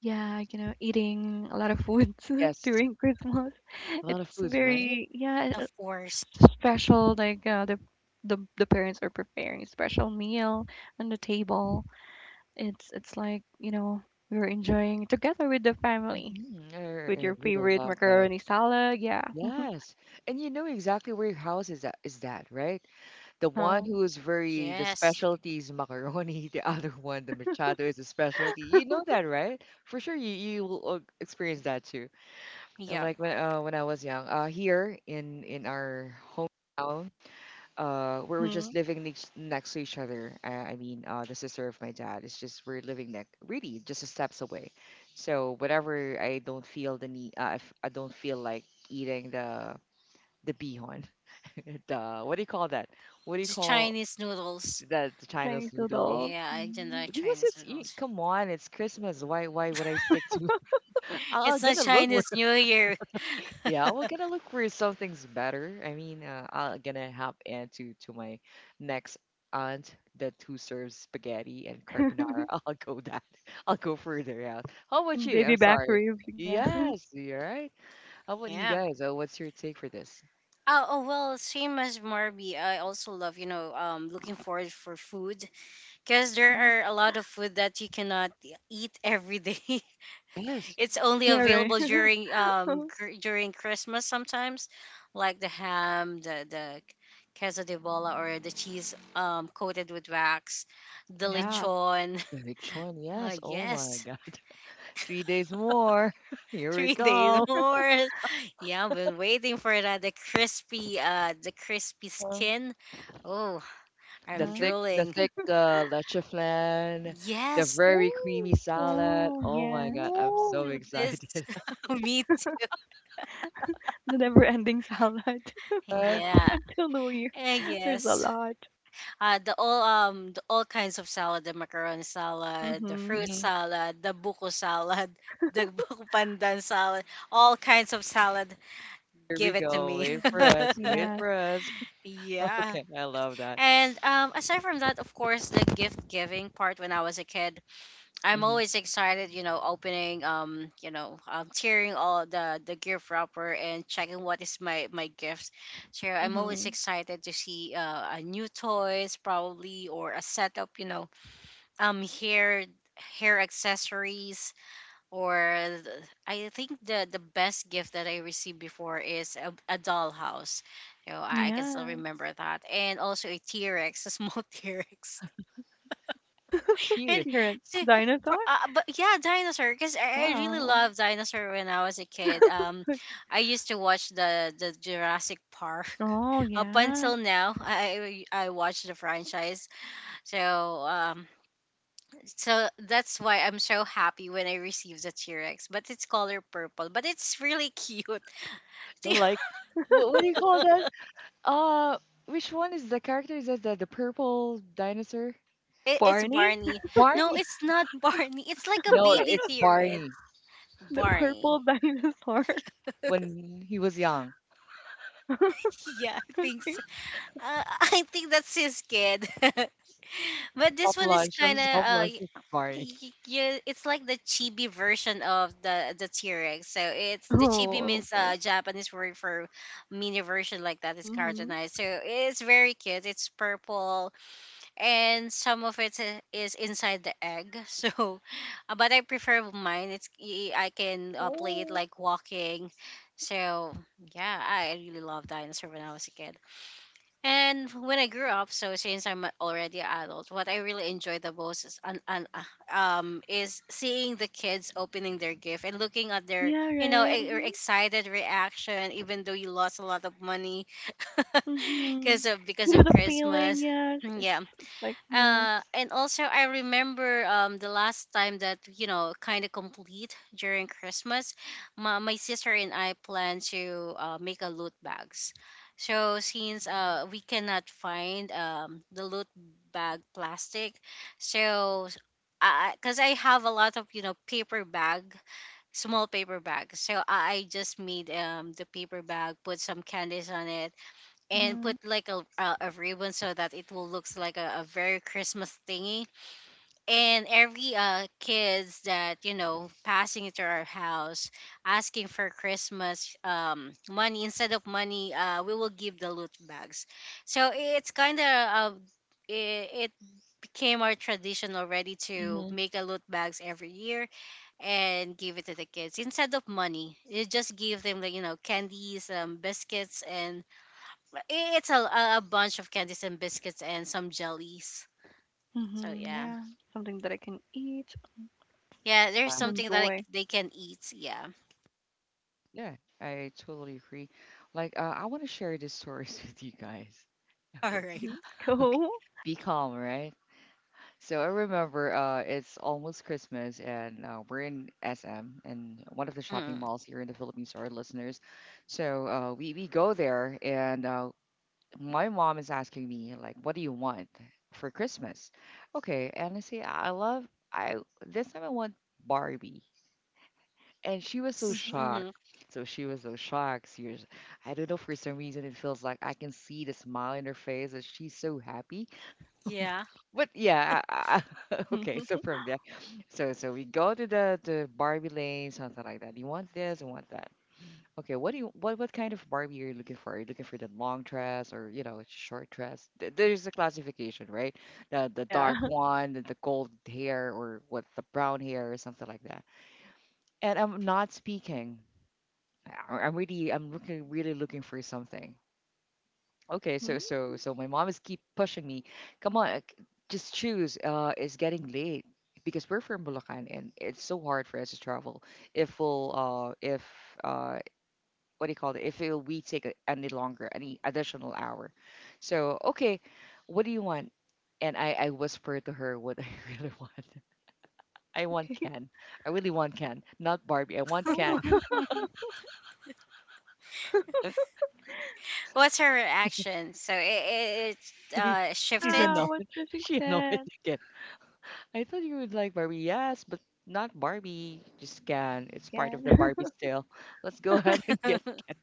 Yeah, you know, eating a lot of foods
Yes.
during Christmas.
A lot of
It's
foods, right?
very, yeah,
Of course.
it's special. Like the parents are preparing a special meal on the table. It's like, you know, you're enjoying together with the family
Hmm. I,
with
I
your
really
favorite
love that.
macaroni salad. Yeah.
Yes. And you know exactly where your house is at, is that, right? The one
Uh-huh.
who is very the
Yes.
specialty is macaroni, the other one, the machado, is a specialty. You know that, right? For sure, you will experience that too. And
Yeah.
like when I was young, here in our hometown, we were just
hmm
living next to each other. I mean, the sister of my dad is just we're living next, really just a steps away. So whenever I don't feel the need, if I don't feel like eating the bihon, the what do you call that? What do you
The
call?
Chinese noodles.
The Chinese
Chinese
noodles.
noodles.
Yeah, I didn't
Hmm
like
Because
Chinese
it's you,
noodles.
come on, it's Christmas. Why would I stick to? I'm
It's not
gonna look for
Chinese New Year.
yeah, we're gonna look for something's better. I mean, I'm gonna hop into to my next aunt that who serves spaghetti and carbonara. I'll go that. I'll go further out. How about
And
you?
baby
I'm
back
sorry.
ribs, yeah.
Yes, you're right. How about you
Yeah.
guys? Oh, what's your take for this?
Oh, oh well, same as Marby. I also love, you know, looking forward for food because there are a lot of food that you cannot eat every day.
Yes.
It's only
Yeah, right.
available during during Christmas sometimes, like the ham, the queso de bola, or the cheese coated with wax, the
Mm-hmm.
Yeah,
lechon.
The lechon,
Oh
yes. Oh my
yes,
God. 3 days more. Here we
3 days
go.
more. Yeah, I've been waiting for that. The crispy skin. Oh,
the
I'm
thick
Uh-huh.
the
drooling.
thick uh, leche flan, the
Yes.
very
Oh,
creamy salad.
wow,
Oh my God,
yes.
I'm so
Ooh, this
excited.
me too.
The never-ending salad
Uh,
up
Yeah.
until New Year.
Eh,
There's a
yes.
lot.
The all kinds of salad, the macaron salad, the
Mm-hmm.
fruit
mhm.
salad, the buko salad, the buko pandan salad, all kinds of salad.
Here we
Give it to
go.
me.
Wait
Mm-hmm.
for us. Wait
Yes.
for us.
Yeah.
Okay, I love that.
And aside from that, of course, the gift giving part when I was a kid, I'm
Hmm.
always excited, you know, opening, you know, tearing all the gift wrapper and checking what is my, my gift. So I'm always
Mm-hmm.
excited to see a new toys probably, or a setup, you know, um hair hair accessories, or th- I think the best gift that I received before is a dollhouse. You know, I can still
Yeah.
remember that, and also a T Rex, a small T Rex, and
Cute.
You're a
see,
dinosaur?
for- but yeah, dinosaur. Because I really
Wow.
loved dinosaur when I was a kid. I used to watch the Jurassic Park.
Oh,
Up
yeah.
until now, I watch the franchise. So so that's why I'm so happy when I received the T-Rex. But it's color purple, but it's really cute. T-
Like, what do you call that? Uh, which one is the character? Is that the purple dinosaur?
it- It's
Barney?
Barney. No,
Barney.
it's not Barney. It's like a
No,
baby
it's
T-Rex.
Barney
The
Barney.
purple dinosaur.
when he was young.
Yeah, I think
Okay.
so. I think that's his kid. But this
Soft
one is
lunch.
kind of
Soft launch was Barney.
you, it's like the chibi version of the T-Rex. So it's the chibi
Oh,
means
okay.
Japanese word for mini version, like that is
Mm-hmm.
cartoonized. So it's very cute. It's purple and some of it is inside the egg. So, but I prefer mine. I can play it
Oh,
like walking. So yeah, I really loved dinosaur when I was a kid. And when I grew up, so since I'm already an adult, what I really enjoy the most is, is seeing the kids opening their gift and looking at their,
yeah,
you know,
right. Mm-hmm.
excited reaction, even though you lost a lot of money
Mm-hmm. You
because
know
of
the feeling,
Christmas.
yes.
Mm.
It's
Yeah,
like, yes.
and also I remember the last time that, you know, kind of complete during Christmas, my sister and I plan to make a loot bags. So since we cannot find the loot bag plastic, so s- I, because I have a lot of, you know, paper bag, small paper bag. So I just made the paper bag, put some candies on it, and
Mm-hmm.
put like a ribbon so that it will looks like a very Christmas thingy. And every kids that, you know, passing into our house asking for Christmas money, instead of money we will give the loot bags. So it's kind of it, it became our tradition already to
Mm-hmm.
make a loot bags every year, and give it to the kids instead of money. You just give them, like, you know, candies biscuits, and i- it's a bunch of candies and biscuits and some jellies. So
Mhm,
yeah,
yeah, something that I can eat
yeah, there's
and
something that I,
enjoy.
they can eat. Yeah.
Yeah, I totally agree. Like, I want to share these stories with you guys.
All
Okay,
right.
Mhm.
okay.
Cool.
Be calm, right? So I remember it's almost Christmas, and we're in SM, and one of the shopping
Mm.
malls here in the Philippines, our listeners. So we go there, and my mom is asking me like, "What do you want for Christmas?" Okay, and I say, "I love I this time I want Barbie." And she was so
Mhm.
shocked.
Mm-hmm.
So she was so shocked. She was, I don't know, for some reason, it feels like I can see the smile in her face and she's so happy.
Yeah.
But yeah, okay. So from there, so we go to the Barbie lane, something like that. You want this, you want that. Okay, what do you what kind of Barbie are you looking for? Are you looking for the long dress or you know a short dress? There's a classification, right? The
Yeah.
dark one, the gold hair, or what the brown hair, or something like that. And I'm not speaking. I'm looking really looking for something. Okay, so
Mhm.
so so my mom is keep pushing me. Come on, just choose. It's getting late because we're from Bulacan and it's so hard for us to travel. If we'll if uh what do you call it? If it, we take any longer, any additional hour. So okay, what do you want? And I whisper to her what I really want. I want Ken. I really want Ken, not Barbie. I want Ken.
Cool.
What's her reaction? So it
She's
shifted.
Yeah,
annoyed.
what did she
She annoyed
said
again. I thought you would like Barbie. Yes, but not Barbie. Just Ken. It's part of
again?
the Barbie sale. Let's go ahead and get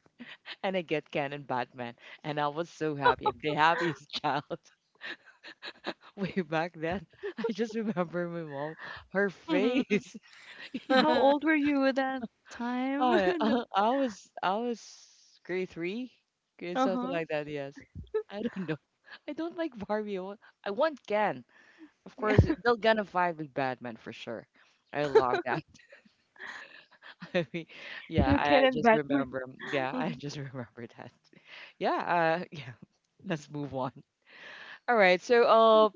and I get Ken and Batman. And I was so happy. I'm the happiest child way back then. I just remember my mom, her face. You
How
know,
old were you at that time?
I
No.
I, I was grade three, grade something
Uh-huh.
like that. Yes, I don't know. I don't like Barbie. I want Ken. Of
Yeah.
course, they're gonna vibe with Batman for sure. I love that. I mean, yeah,
So
I
Ken and
just
Batman.
remember. Yeah, I
Mhm.
just remember that. Yeah, yeah. Let's move on. All right. So,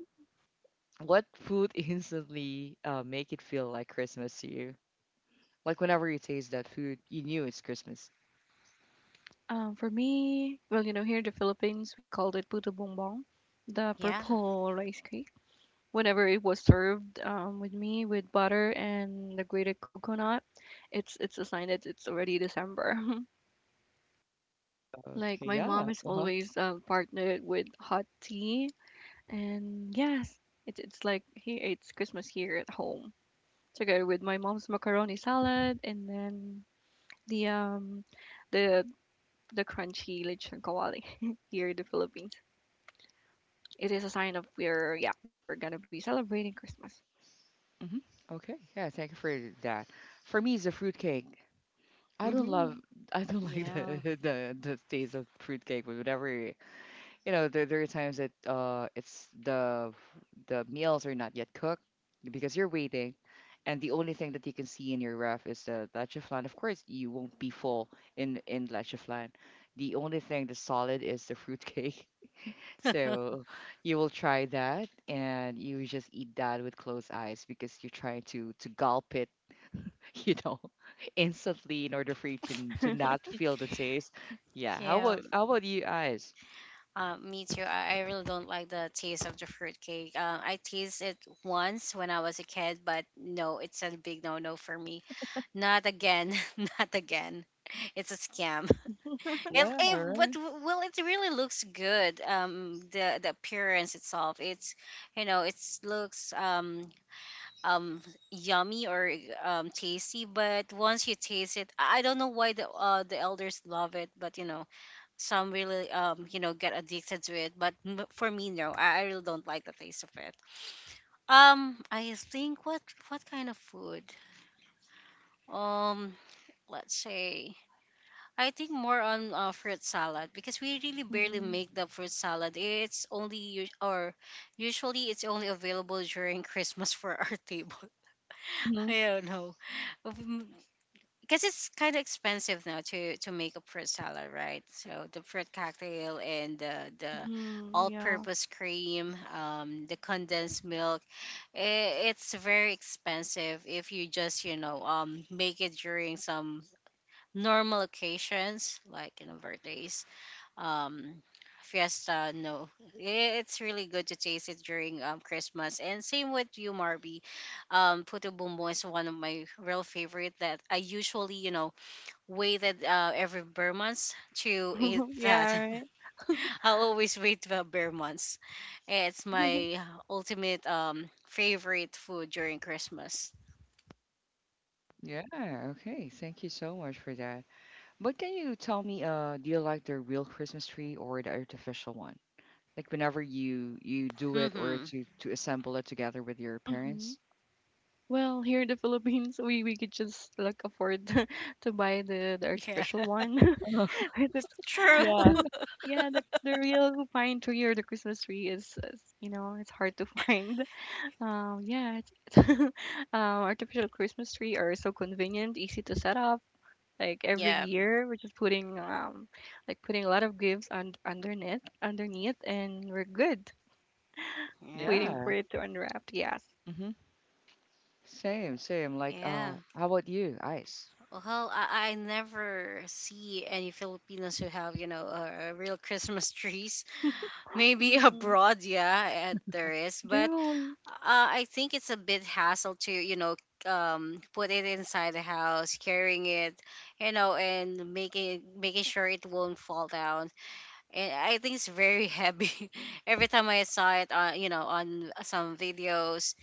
what food instantly make it feel like Christmas to you? Like whenever you taste that food, you knew it's Christmas.
For me, well, you know, here in the Philippines, we called it puto bongbong, the
Yeah.
purple rice cake. Whenever it was served with me with butter and the grated coconut, it's a sign that it's already December. Like
Okay.
my mom
Yeah.
is
Uh huh.
always partnered with hot tea, and yes, it's like he eats Christmas here at home together with my mom's macaroni salad and then the um the the crunchy lechon kawali here in the Philippines. It is a sign of we're yeah we're gonna be celebrating Christmas.
Hmm. Okay. Yeah. Thank you for that. For me, it's a fruitcake. I don't love.
Hmm
I don't like
Yeah.
the the taste of fruitcake, but whenever you know there are times that it's the meals are not yet cooked because you're waiting and the only thing that you can see in your ref is the leche flan. Of course you won't be full in leche flan, the only thing that's solid is the fruitcake. So you will try that and you just eat that with closed eyes because you're trying to gulp it you know instantly in order for you to to not feel the taste. Yeah, how
Yeah.
about you guys?
Me too. I really don't like the taste of the fruitcake. I tasted it once when I was a kid, but no, it's a big no no for me. Not again. Not again. It's a scam. It,
Yeah,
it but
right.
well, it really looks good. The appearance itself, it's, you know, it looks um yummy, or tasty. But once you taste it, I don't know why the elders love it, but some really get addicted to it, but for me, no. I really don't like the taste of it. I think What kind of food, um let's say, I think more on fruit salad, because we really barely
hmm
make the fruit salad. It's only us- or usually it's only available during Christmas for our table. I don't know Because it's kind of expensive now to make a fruit salad, right? So the fruit cocktail and the
Mhm, yeah.
all-purpose cream, the condensed milk, it's very expensive if you just make it during some normal occasions like birthdays, um. fiesta. No, it's really good to taste it during Christmas. And same with you, Marby. Puto bumbong is one of my real favorite that I usually, waited every bare months to eat that.
Yeah, right.
I always wait for bare months. It's my ultimate favorite food during Christmas.
Yeah, okay. Thank you so much for that. But can you tell me, do you like the real Christmas tree or the artificial one? Like whenever you do it or
Mm-hmm.
to assemble it together with your
Mhm.
parents?
Well, here in the Philippines, we could just like afford to buy the
Yeah,
artificial one. Right, that's-
true.
Yeah.
yeah, the real pine tree or the Christmas tree is you know it's hard to find. Yeah, it's, it's artificial Christmas tree are so convenient, easy to set up. Like every
Yeah,
year, we're just putting like putting a lot of gifts on underneath, and we're good.
yeah,
Waiting
Yeah.
for it to unwrap. Yes.
Mm-hmm. Same, same. Like,
yeah.
how about you, Ice?
Well, I never see any Filipinos who have, a real Christmas trees. Maybe
hmm
abroad, yeah, there is.
They
But
do.
I think it's a bit hassle to, put it inside the house, carrying it, and making sure it won't fall down. And I think it's very heavy. Every time I saw it on, on some videos.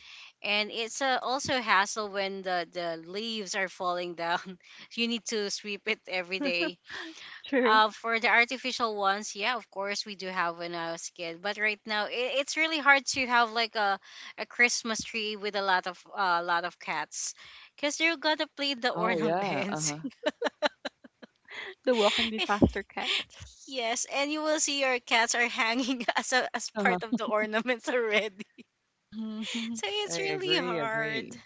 And it's also a hassle when the leaves are falling down. You need to sweep it every day
True.
for the artificial ones. Yeah, of course we do have when I was a kid. But right now, it's really hard to have like a Christmas tree with a lot of cats, cause you're gonna play the
Oh yeah.
ornaments.
Uh-huh.
The walking disaster cats.
Yes, and you will see your cats are hanging as a, as part of
Uh-huh.
the ornaments already.
Hmm hmm
So
I
it's really
agree,
hard.
agree.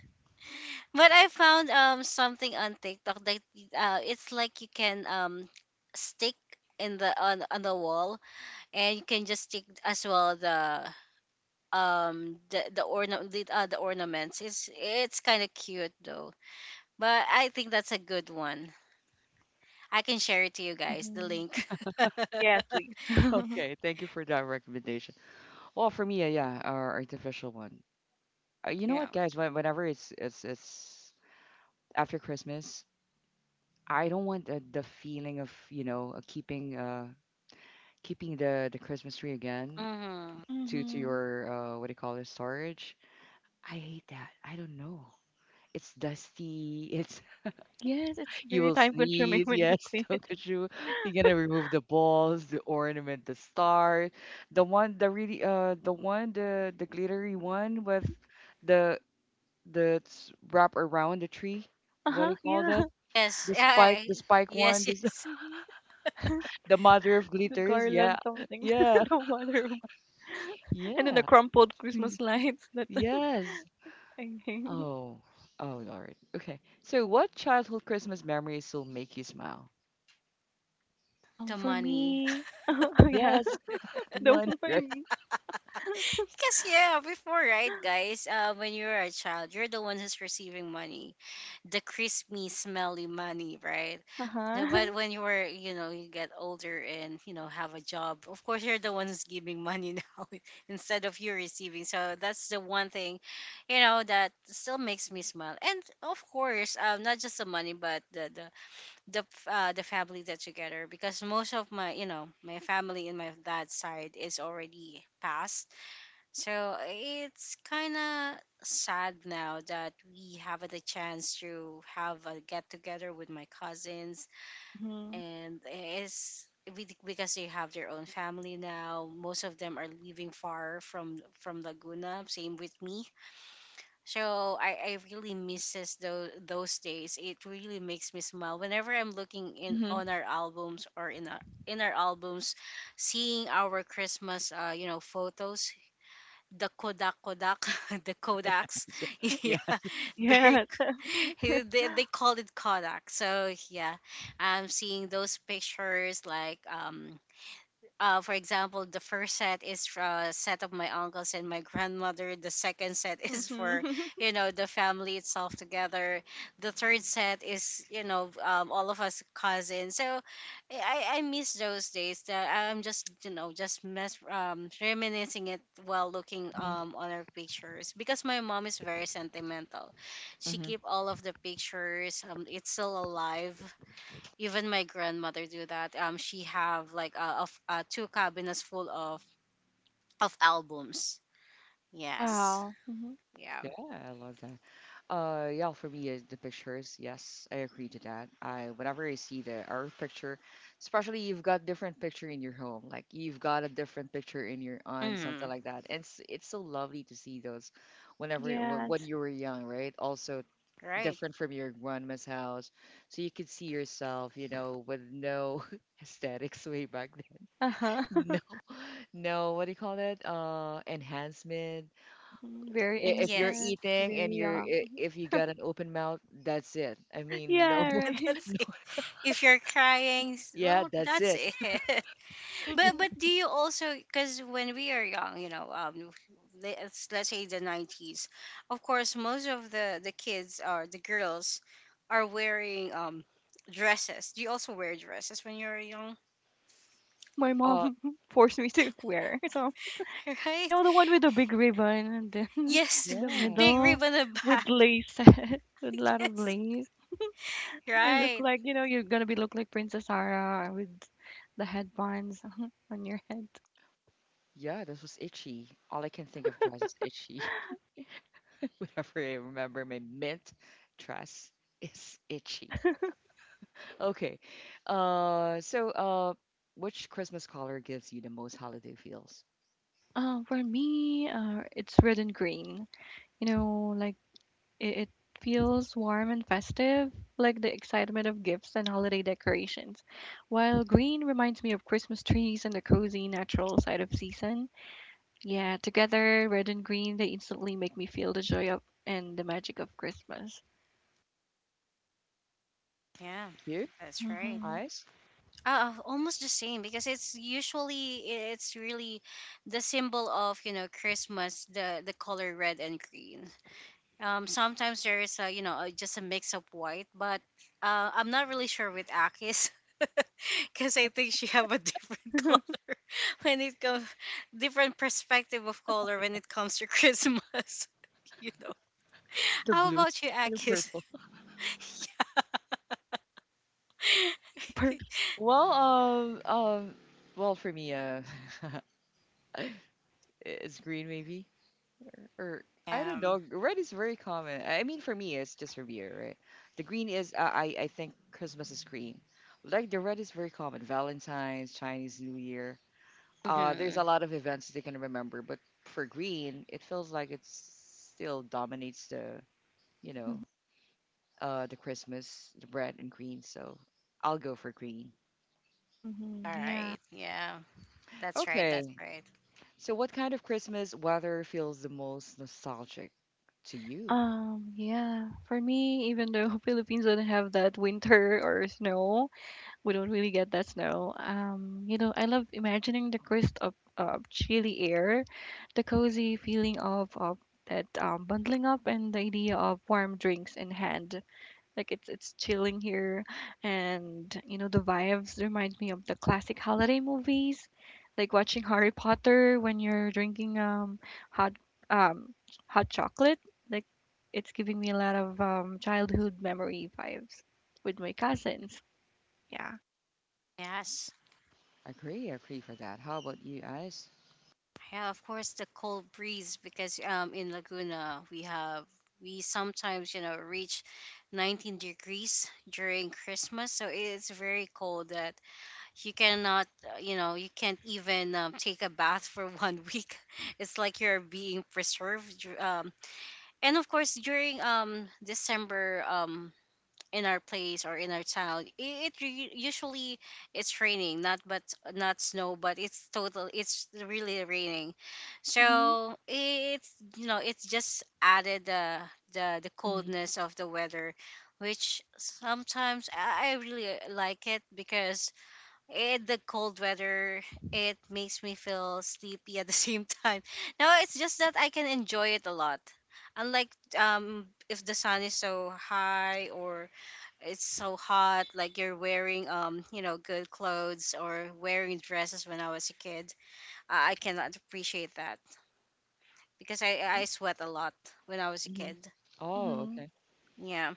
But I found something on TikTok that it's like you can stick in the on the wall, and you can just take as well the the ornaments. It's kind of cute though. But I think that's a good one. I can share it to you guys the link.
Yes, please. hmm
Okay, thank you for that recommendation. Well, for me, yeah, our artificial one. You know
Yeah.
what, guys? Whenever it's after Christmas, I don't want the feeling of you know keeping the Christmas tree again
Mm-hmm.
to your what do you call it, storage. I hate that. I don't know. It's dusty. It's
Yes, it's
you
very
will
time consuming
sneeze.
when you
Yes,
clean it.
Tokashu. You're gonna remove the balls, the ornament, the star, the one, the really the one the glittery one with the the wrap around the tree.
Uh
What do
huh.
you call
Yeah.
that?
Yes. Yeah,
The spike one.
yes. Yes.
hmm
The mother of
The
glitters, yeah.
garland something,
Yeah.
the water, and then
Yeah.
the crumpled
Mm,
Christmas lights. That
yes.
I hang.
Oh. Oh Lord. Okay. So what childhood Christmas memories still make you smile?
The
For
money.
me, yeah,
Yes, the
the
one, right?
one.
Because yeah, before, right, guys, when you're a child, you're the one who's receiving money, the crispy, smelly money, right?
Uh
Yeah. But
huh.
when you were, you get older and have a job, of course you're the one who's giving money now, instead of you receiving. So that's the one thing, that still makes me smile. And of course, not just the money, but the family that together, because most of my, my family in my dad's side is already passed. So it's kind of sad now that we haven't a chance to have a get together with my cousins,
hmm
and it's because they have their own family now. Most of them are living far from Laguna. Same with me. So I really misses those days. It really makes me smile whenever I'm looking in
Mm-hmm.
on our albums or in our albums, seeing our Christmas photos, the Kodak the Kodaks.
Yeah.
Yeah, very.
Yes.
They called it Kodak. So yeah, I'm seeing those pictures like for example, the first set is for a set of my uncles and my grandmother. The second set is
hmm
for, the family itself together. The third set is, all of us cousins. So I miss those days. That I'm just, just reminiscing it while looking on our pictures because my mom is very sentimental. She
Mm-hmm.
keep all of the pictures. It's still alive even my grandmother do that, she have like of two cabinets full of albums. Yes.
Wow. hmm
Yeah.
Yeah, I love that. Yeah, for me, is the pictures. Yes, I agree to that. I whenever I see the art picture, especially you've got different picture in your home, like you've got a different picture in your aunt, something
Mm,
like that. And it's so lovely to see those, whenever when
Yes.
you were young, right? Also
right.
different from your grandma's house, so you could see yourself, you know, with no aesthetics way back then.
Uh-huh.
No, no, what do you call that? Enhancement.
Mhm. Very
If you're
Yes.
innocent,
eating and
very young.
if you got an open mouth, that's it. I mean, no,
Yeah, right.
That's
no,
it. If you're crying,
yeah,
well,
that's
that's
it.
it. but
hmm
Yeah,
but do you also, because when we are young, let's say the 90s, of course most of the kids or the girls are wearing dresses. Do you also wear dresses when you're young?
My
Uh,
mom forced me to wear. So, you
Right.
know the one with the big ribbon and then
Yes,
in the
yeah,
big
middle
rib on the
with
back.
lace, with a lot of
Yes,
lace. And look
right.
like, you know, you're gonna be look like Princess Sarah with the headbands on your head.
yeah, this was itchy. All I can think of dress is itchy. Whenever I remember my mint dress is itchy. Okay, uh, so uh, which Christmas color gives you the most holiday feels?
For me, it's red and green. You know, like it feels warm and festive, like the excitement of gifts and holiday decorations. While green reminds me of Christmas trees and the cozy natural side of season. Yeah, together, red and green, they instantly make me feel the joy of and the magic of Christmas.
Yeah,
You,
that's right.
Hmm
eyes,
Almost the same, because it's usually it's really the symbol of Christmas, the color red and green. Sometimes there is a just a mix of white. But I'm not really sure with Akis because I think she have a different color when it comes, different perspective of color when it comes to Christmas. You know.
the
How
blue,
about you,
and the
Akis?
purple.
Yeah.
Super.
Well, well, for me, it's green maybe. Or I
Yeah.
don't know. Red is very common. I mean, for me, it's just for beer, right? The green is, I think Christmas is green. Like the red is very common. Valentine's, Chinese New Year. There's a
Mhm.
lot of events they can remember, but for green, it feels like it still dominates the, you know, the Christmas, the red and green. So I'll go for green.
Hmm
All
Yeah.
right. Yeah. That's right. That's
Okay.
right.
So what kind of Christmas weather feels the most nostalgic to you?
Yeah, for me, even though Philippines don't have that winter or snow, we don't really get that snow. You know, I love imagining the crisp of chilly air, the cozy feeling of that bundling up, and the idea of warm drinks in hand. Like it's chilling here, and you know the vibes remind me of the classic holiday movies, like watching Harry Potter when you're drinking hot um hot chocolate. Like it's giving me a lot of childhood memory vibes with my cousins. Yeah.
Yes.
Agree, agree for that. How about you, guys?
Yeah, of course the cold breeze, because in Laguna we have, we sometimes, you know, reach 19 degrees during Christmas, so it's very cold that you cannot, you can't even take a bath for 1 week. It's like you're being preserved. And of course, during December, in our place or in our town, usually it's raining, not snow, but it's total, it's really raining.
Mhm,
So it's, it's just added the
Hmm.
coldness of the weather, which sometimes I really like it, because it, the cold weather, it makes me feel sleepy at the same time. No, it's just that I can enjoy it a lot, unlike if the sun is so high or it's so hot, like you're wearing good clothes or wearing dresses when I was a kid. I cannot appreciate that, because I sweat a lot when I was a
Hmm.
kid.
Oh,
mhm.
okay.
Yeah.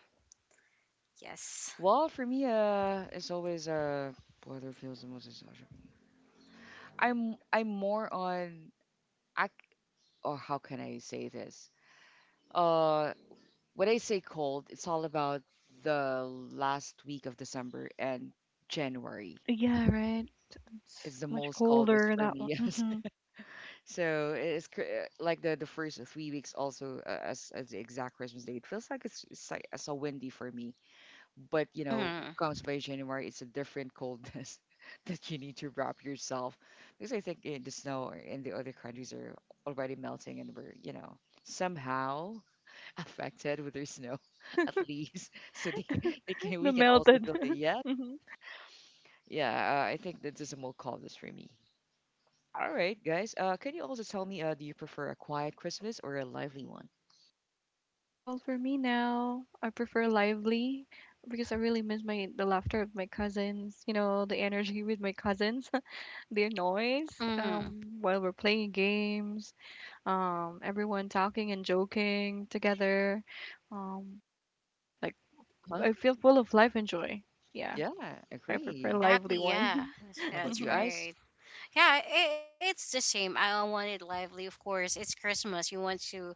Yes.
Well, for me, it's always weather feels the most nostalgic. I'm more on I or how can I say this? Uh, when I say cold, it's all about the last week of December and January
Yeah, right. It's
is the
much
most coldest
colder
for
that
me.
one.
Yes,
Mhm.
so it's like the first 3 weeks also as the exact Christmas day. It feels like it's like it's so windy for me. But you know
Mm-hmm.
comes by January it's a different coldness that you need to wrap yourself because I think in the snow or in the other countries are already melting and we're you know somehow affected with their snow at least so they can
The
we can also
melted.
feel the yeah.
mhm.
Yeah, I think that this is a more coldness for me. All right guys, can you also tell me, do you prefer a quiet Christmas or a lively one?
Well, for me now, I prefer lively because I really miss my the laughter of my cousins. You know, the energy with my cousins, their noise,
Mm-hmm.
while we're playing games, everyone talking and joking together. Um, like
Huh.
I feel full of life and joy. Yeah,
Yeah,
I prefer
agree.
Exactly.
lively
Yeah,
one.
How about you
that's
mhm.
guys?
right. Yeah, it's the same. I want it lively, of course. It's Christmas, you want to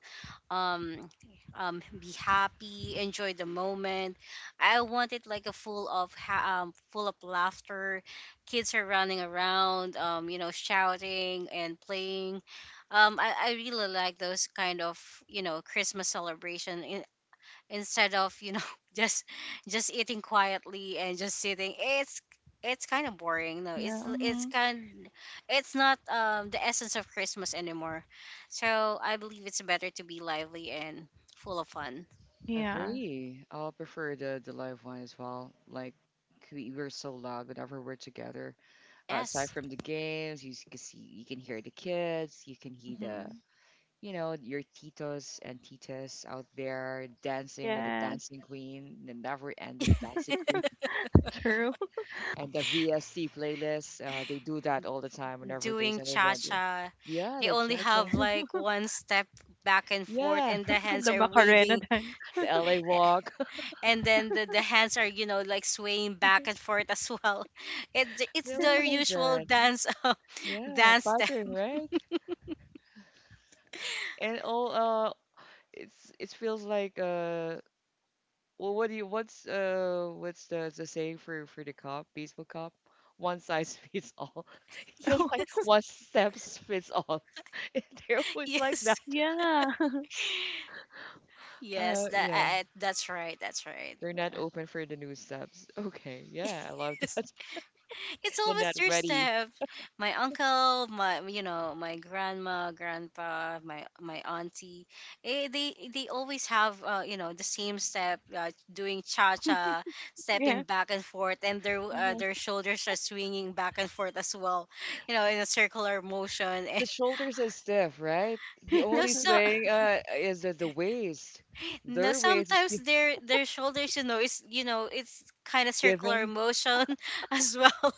um be happy, enjoy the moment. I want it like a full of full of laughter, kids are running around, shouting and playing. I really like those kind of, Christmas celebration, instead of just just eating quietly and just sitting. It's kind of boring. No,
Yeah. Mhm.
it's not the essence of Christmas anymore. So I believe it's better to be lively and full of fun.
Yeah.
Agree. I'll prefer the live one as well. Like we were so loud whenever we're together. Aside
Yes,
from the games, can see you can hear the kids, you can hear the
Mhm.
you know your titos and titas out there dancing with the
Yes,
dancing queen, the never-ending dancing queen,
true.
and the VSC playlist. They do that all the time whenever there's
doing
an
cha
event.
cha.
Yeah,
They
the
only
cha-cha.
have like one step, back and forth,
Yeah,
and the hands
The
are
Macarena
waving.
dance.
the LA
a-
walk.
and then the hands are, like swaying back and forth as well. It's
They
their
always like
usual
that.
dance.
Yeah,
Dance step.
pattern, right? And all, uh it's it feels like well what do you what's the saying for the cop baseball cop, one size fits all. It feels like
Oh,
Yes,
one steps fits all. They're always like that.
yes,
yeah.
yes.
uh
That
yeah
that's right. That's right.
they're not open for the new steps. Okay, yeah, I love
Yes.
that.
It's
They're
always
not
their
ready.
step. My uncle, my, my grandma, grandpa, my auntie, eh, they always have, the same step, doing cha cha, stepping
Yeah.
back and forth, and
Mhm.
their shoulders are swinging back and forth as well, in a circular motion.
The shoulders are stiff, right? The
No,
only
so
swing is the waist.
no.
Their waist is
Sometimes their shoulders, is, it's kind of circular
giving
motion as well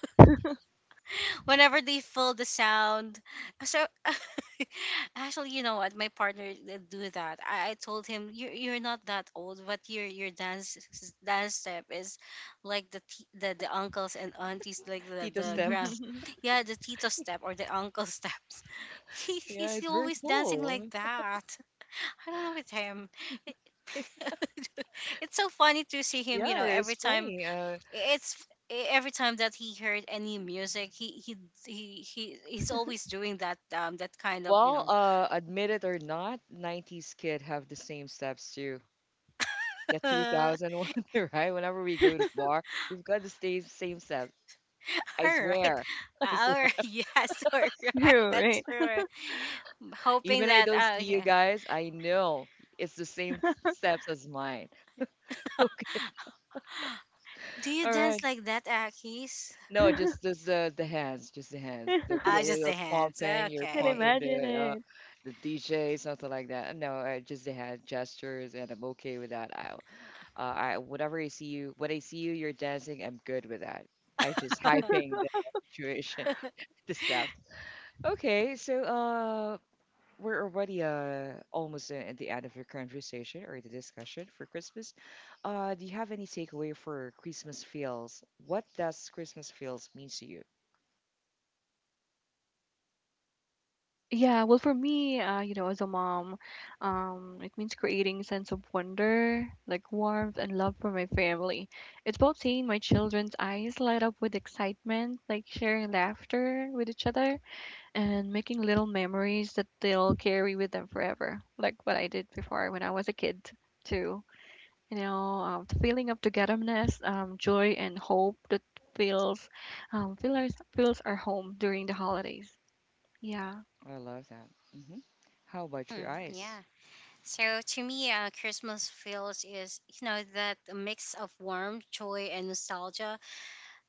whenever they fill the sound. So actually, you know what? My partner did do that. I told him, "You you're not that old, but your dance step is like the the uncles and aunties, like
tito
the grand,
steps.
yeah, the tito step or the uncle steps." He
Yeah,
he's
it's very
always dancing like
cool.
that. I don't know with him. It's so funny to see him. You
Yeah,
know,
it's
every time,
funny.
it's every time that he heard any music, he's always doing that, that kind of, you
Well,
know.
admit it or not, 90s kid have the same steps too. The
All
2001, right? Whenever we go to bar, we've got the same same steps. I
right.
swear. I
All
swear.
right. Yes, all right,
True,
that's
right?
true. Hoping
Even I
that
don't see you
yeah.
guys, I know it's the same steps as mine. Okay.
Do you
All
dance
right.
like that, Akis?
No, just the hands, just the hands. The You're,
Just the hands,
you're
Can
okay.
pumping
imagine it.
the DJ, something like that. No, just the hand gestures, and I'm okay with that. I whenever I see you, when I see you, you're dancing. I'm good with that. I just hyping the situation, the stuff. Okay, so we're already almost at the end of your conversation or the discussion for Christmas. Do you have any takeaway for Christmas feels? What does Christmas feels mean to you?
Yeah, well, for me, you know, as a mom, it means creating a sense of wonder, like warmth and love for my family. It's about seeing my children's eyes light up with excitement, like sharing laughter with each other, and making little memories that they'll carry with them forever, like what I did before when I was a kid, too. You know, the feeling of togetherness, joy, and hope that feels, feels our home during the holidays. Yeah.
I love that. Hmm. How about your
Hmm,
eyes?
yeah. So to me, Christmas feels is, that mix of warmth, joy, and nostalgia.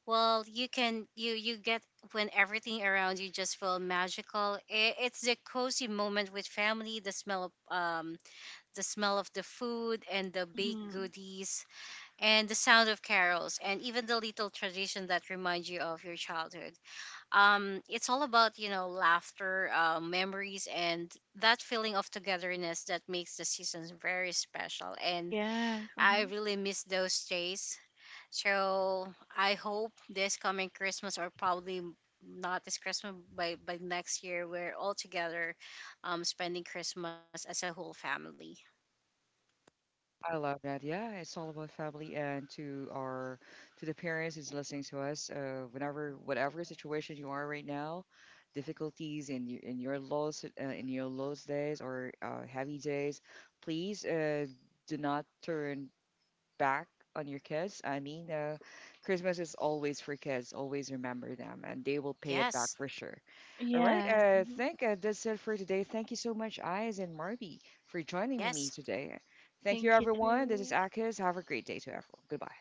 Well, you can you get, when everything around you just feel magical. I- It's the cozy moment with family, the smell of the food and the baked
Mm-hmm.
goodies, and the sound of carols, and even the little tradition that remind you of your childhood. It's all about, laughter, memories, and that feeling of togetherness that makes the seasons very special. And
Yes.
I
Mm-hmm.
really miss those days, so I hope this coming Christmas, or probably not this Christmas, by next year we're all together, spending Christmas as a whole family.
I love that. Yeah, it's all about family and to our to the parents who's listening to us. Whenever whatever situation you are right now, difficulties in your lows days or heavy days, please do not turn back on your kids. I mean, Christmas is always for kids. Always remember them, and they will pay it
Yes.
back for sure. All right,
Yes.
I
Mm-hmm.
think that's it for today. Thank you so much, Eyes and Marby, for joining
Yes.
me today. Thank you,
Thank you
everyone. This is
too.
Akis. Have a great day to everyone. Goodbye.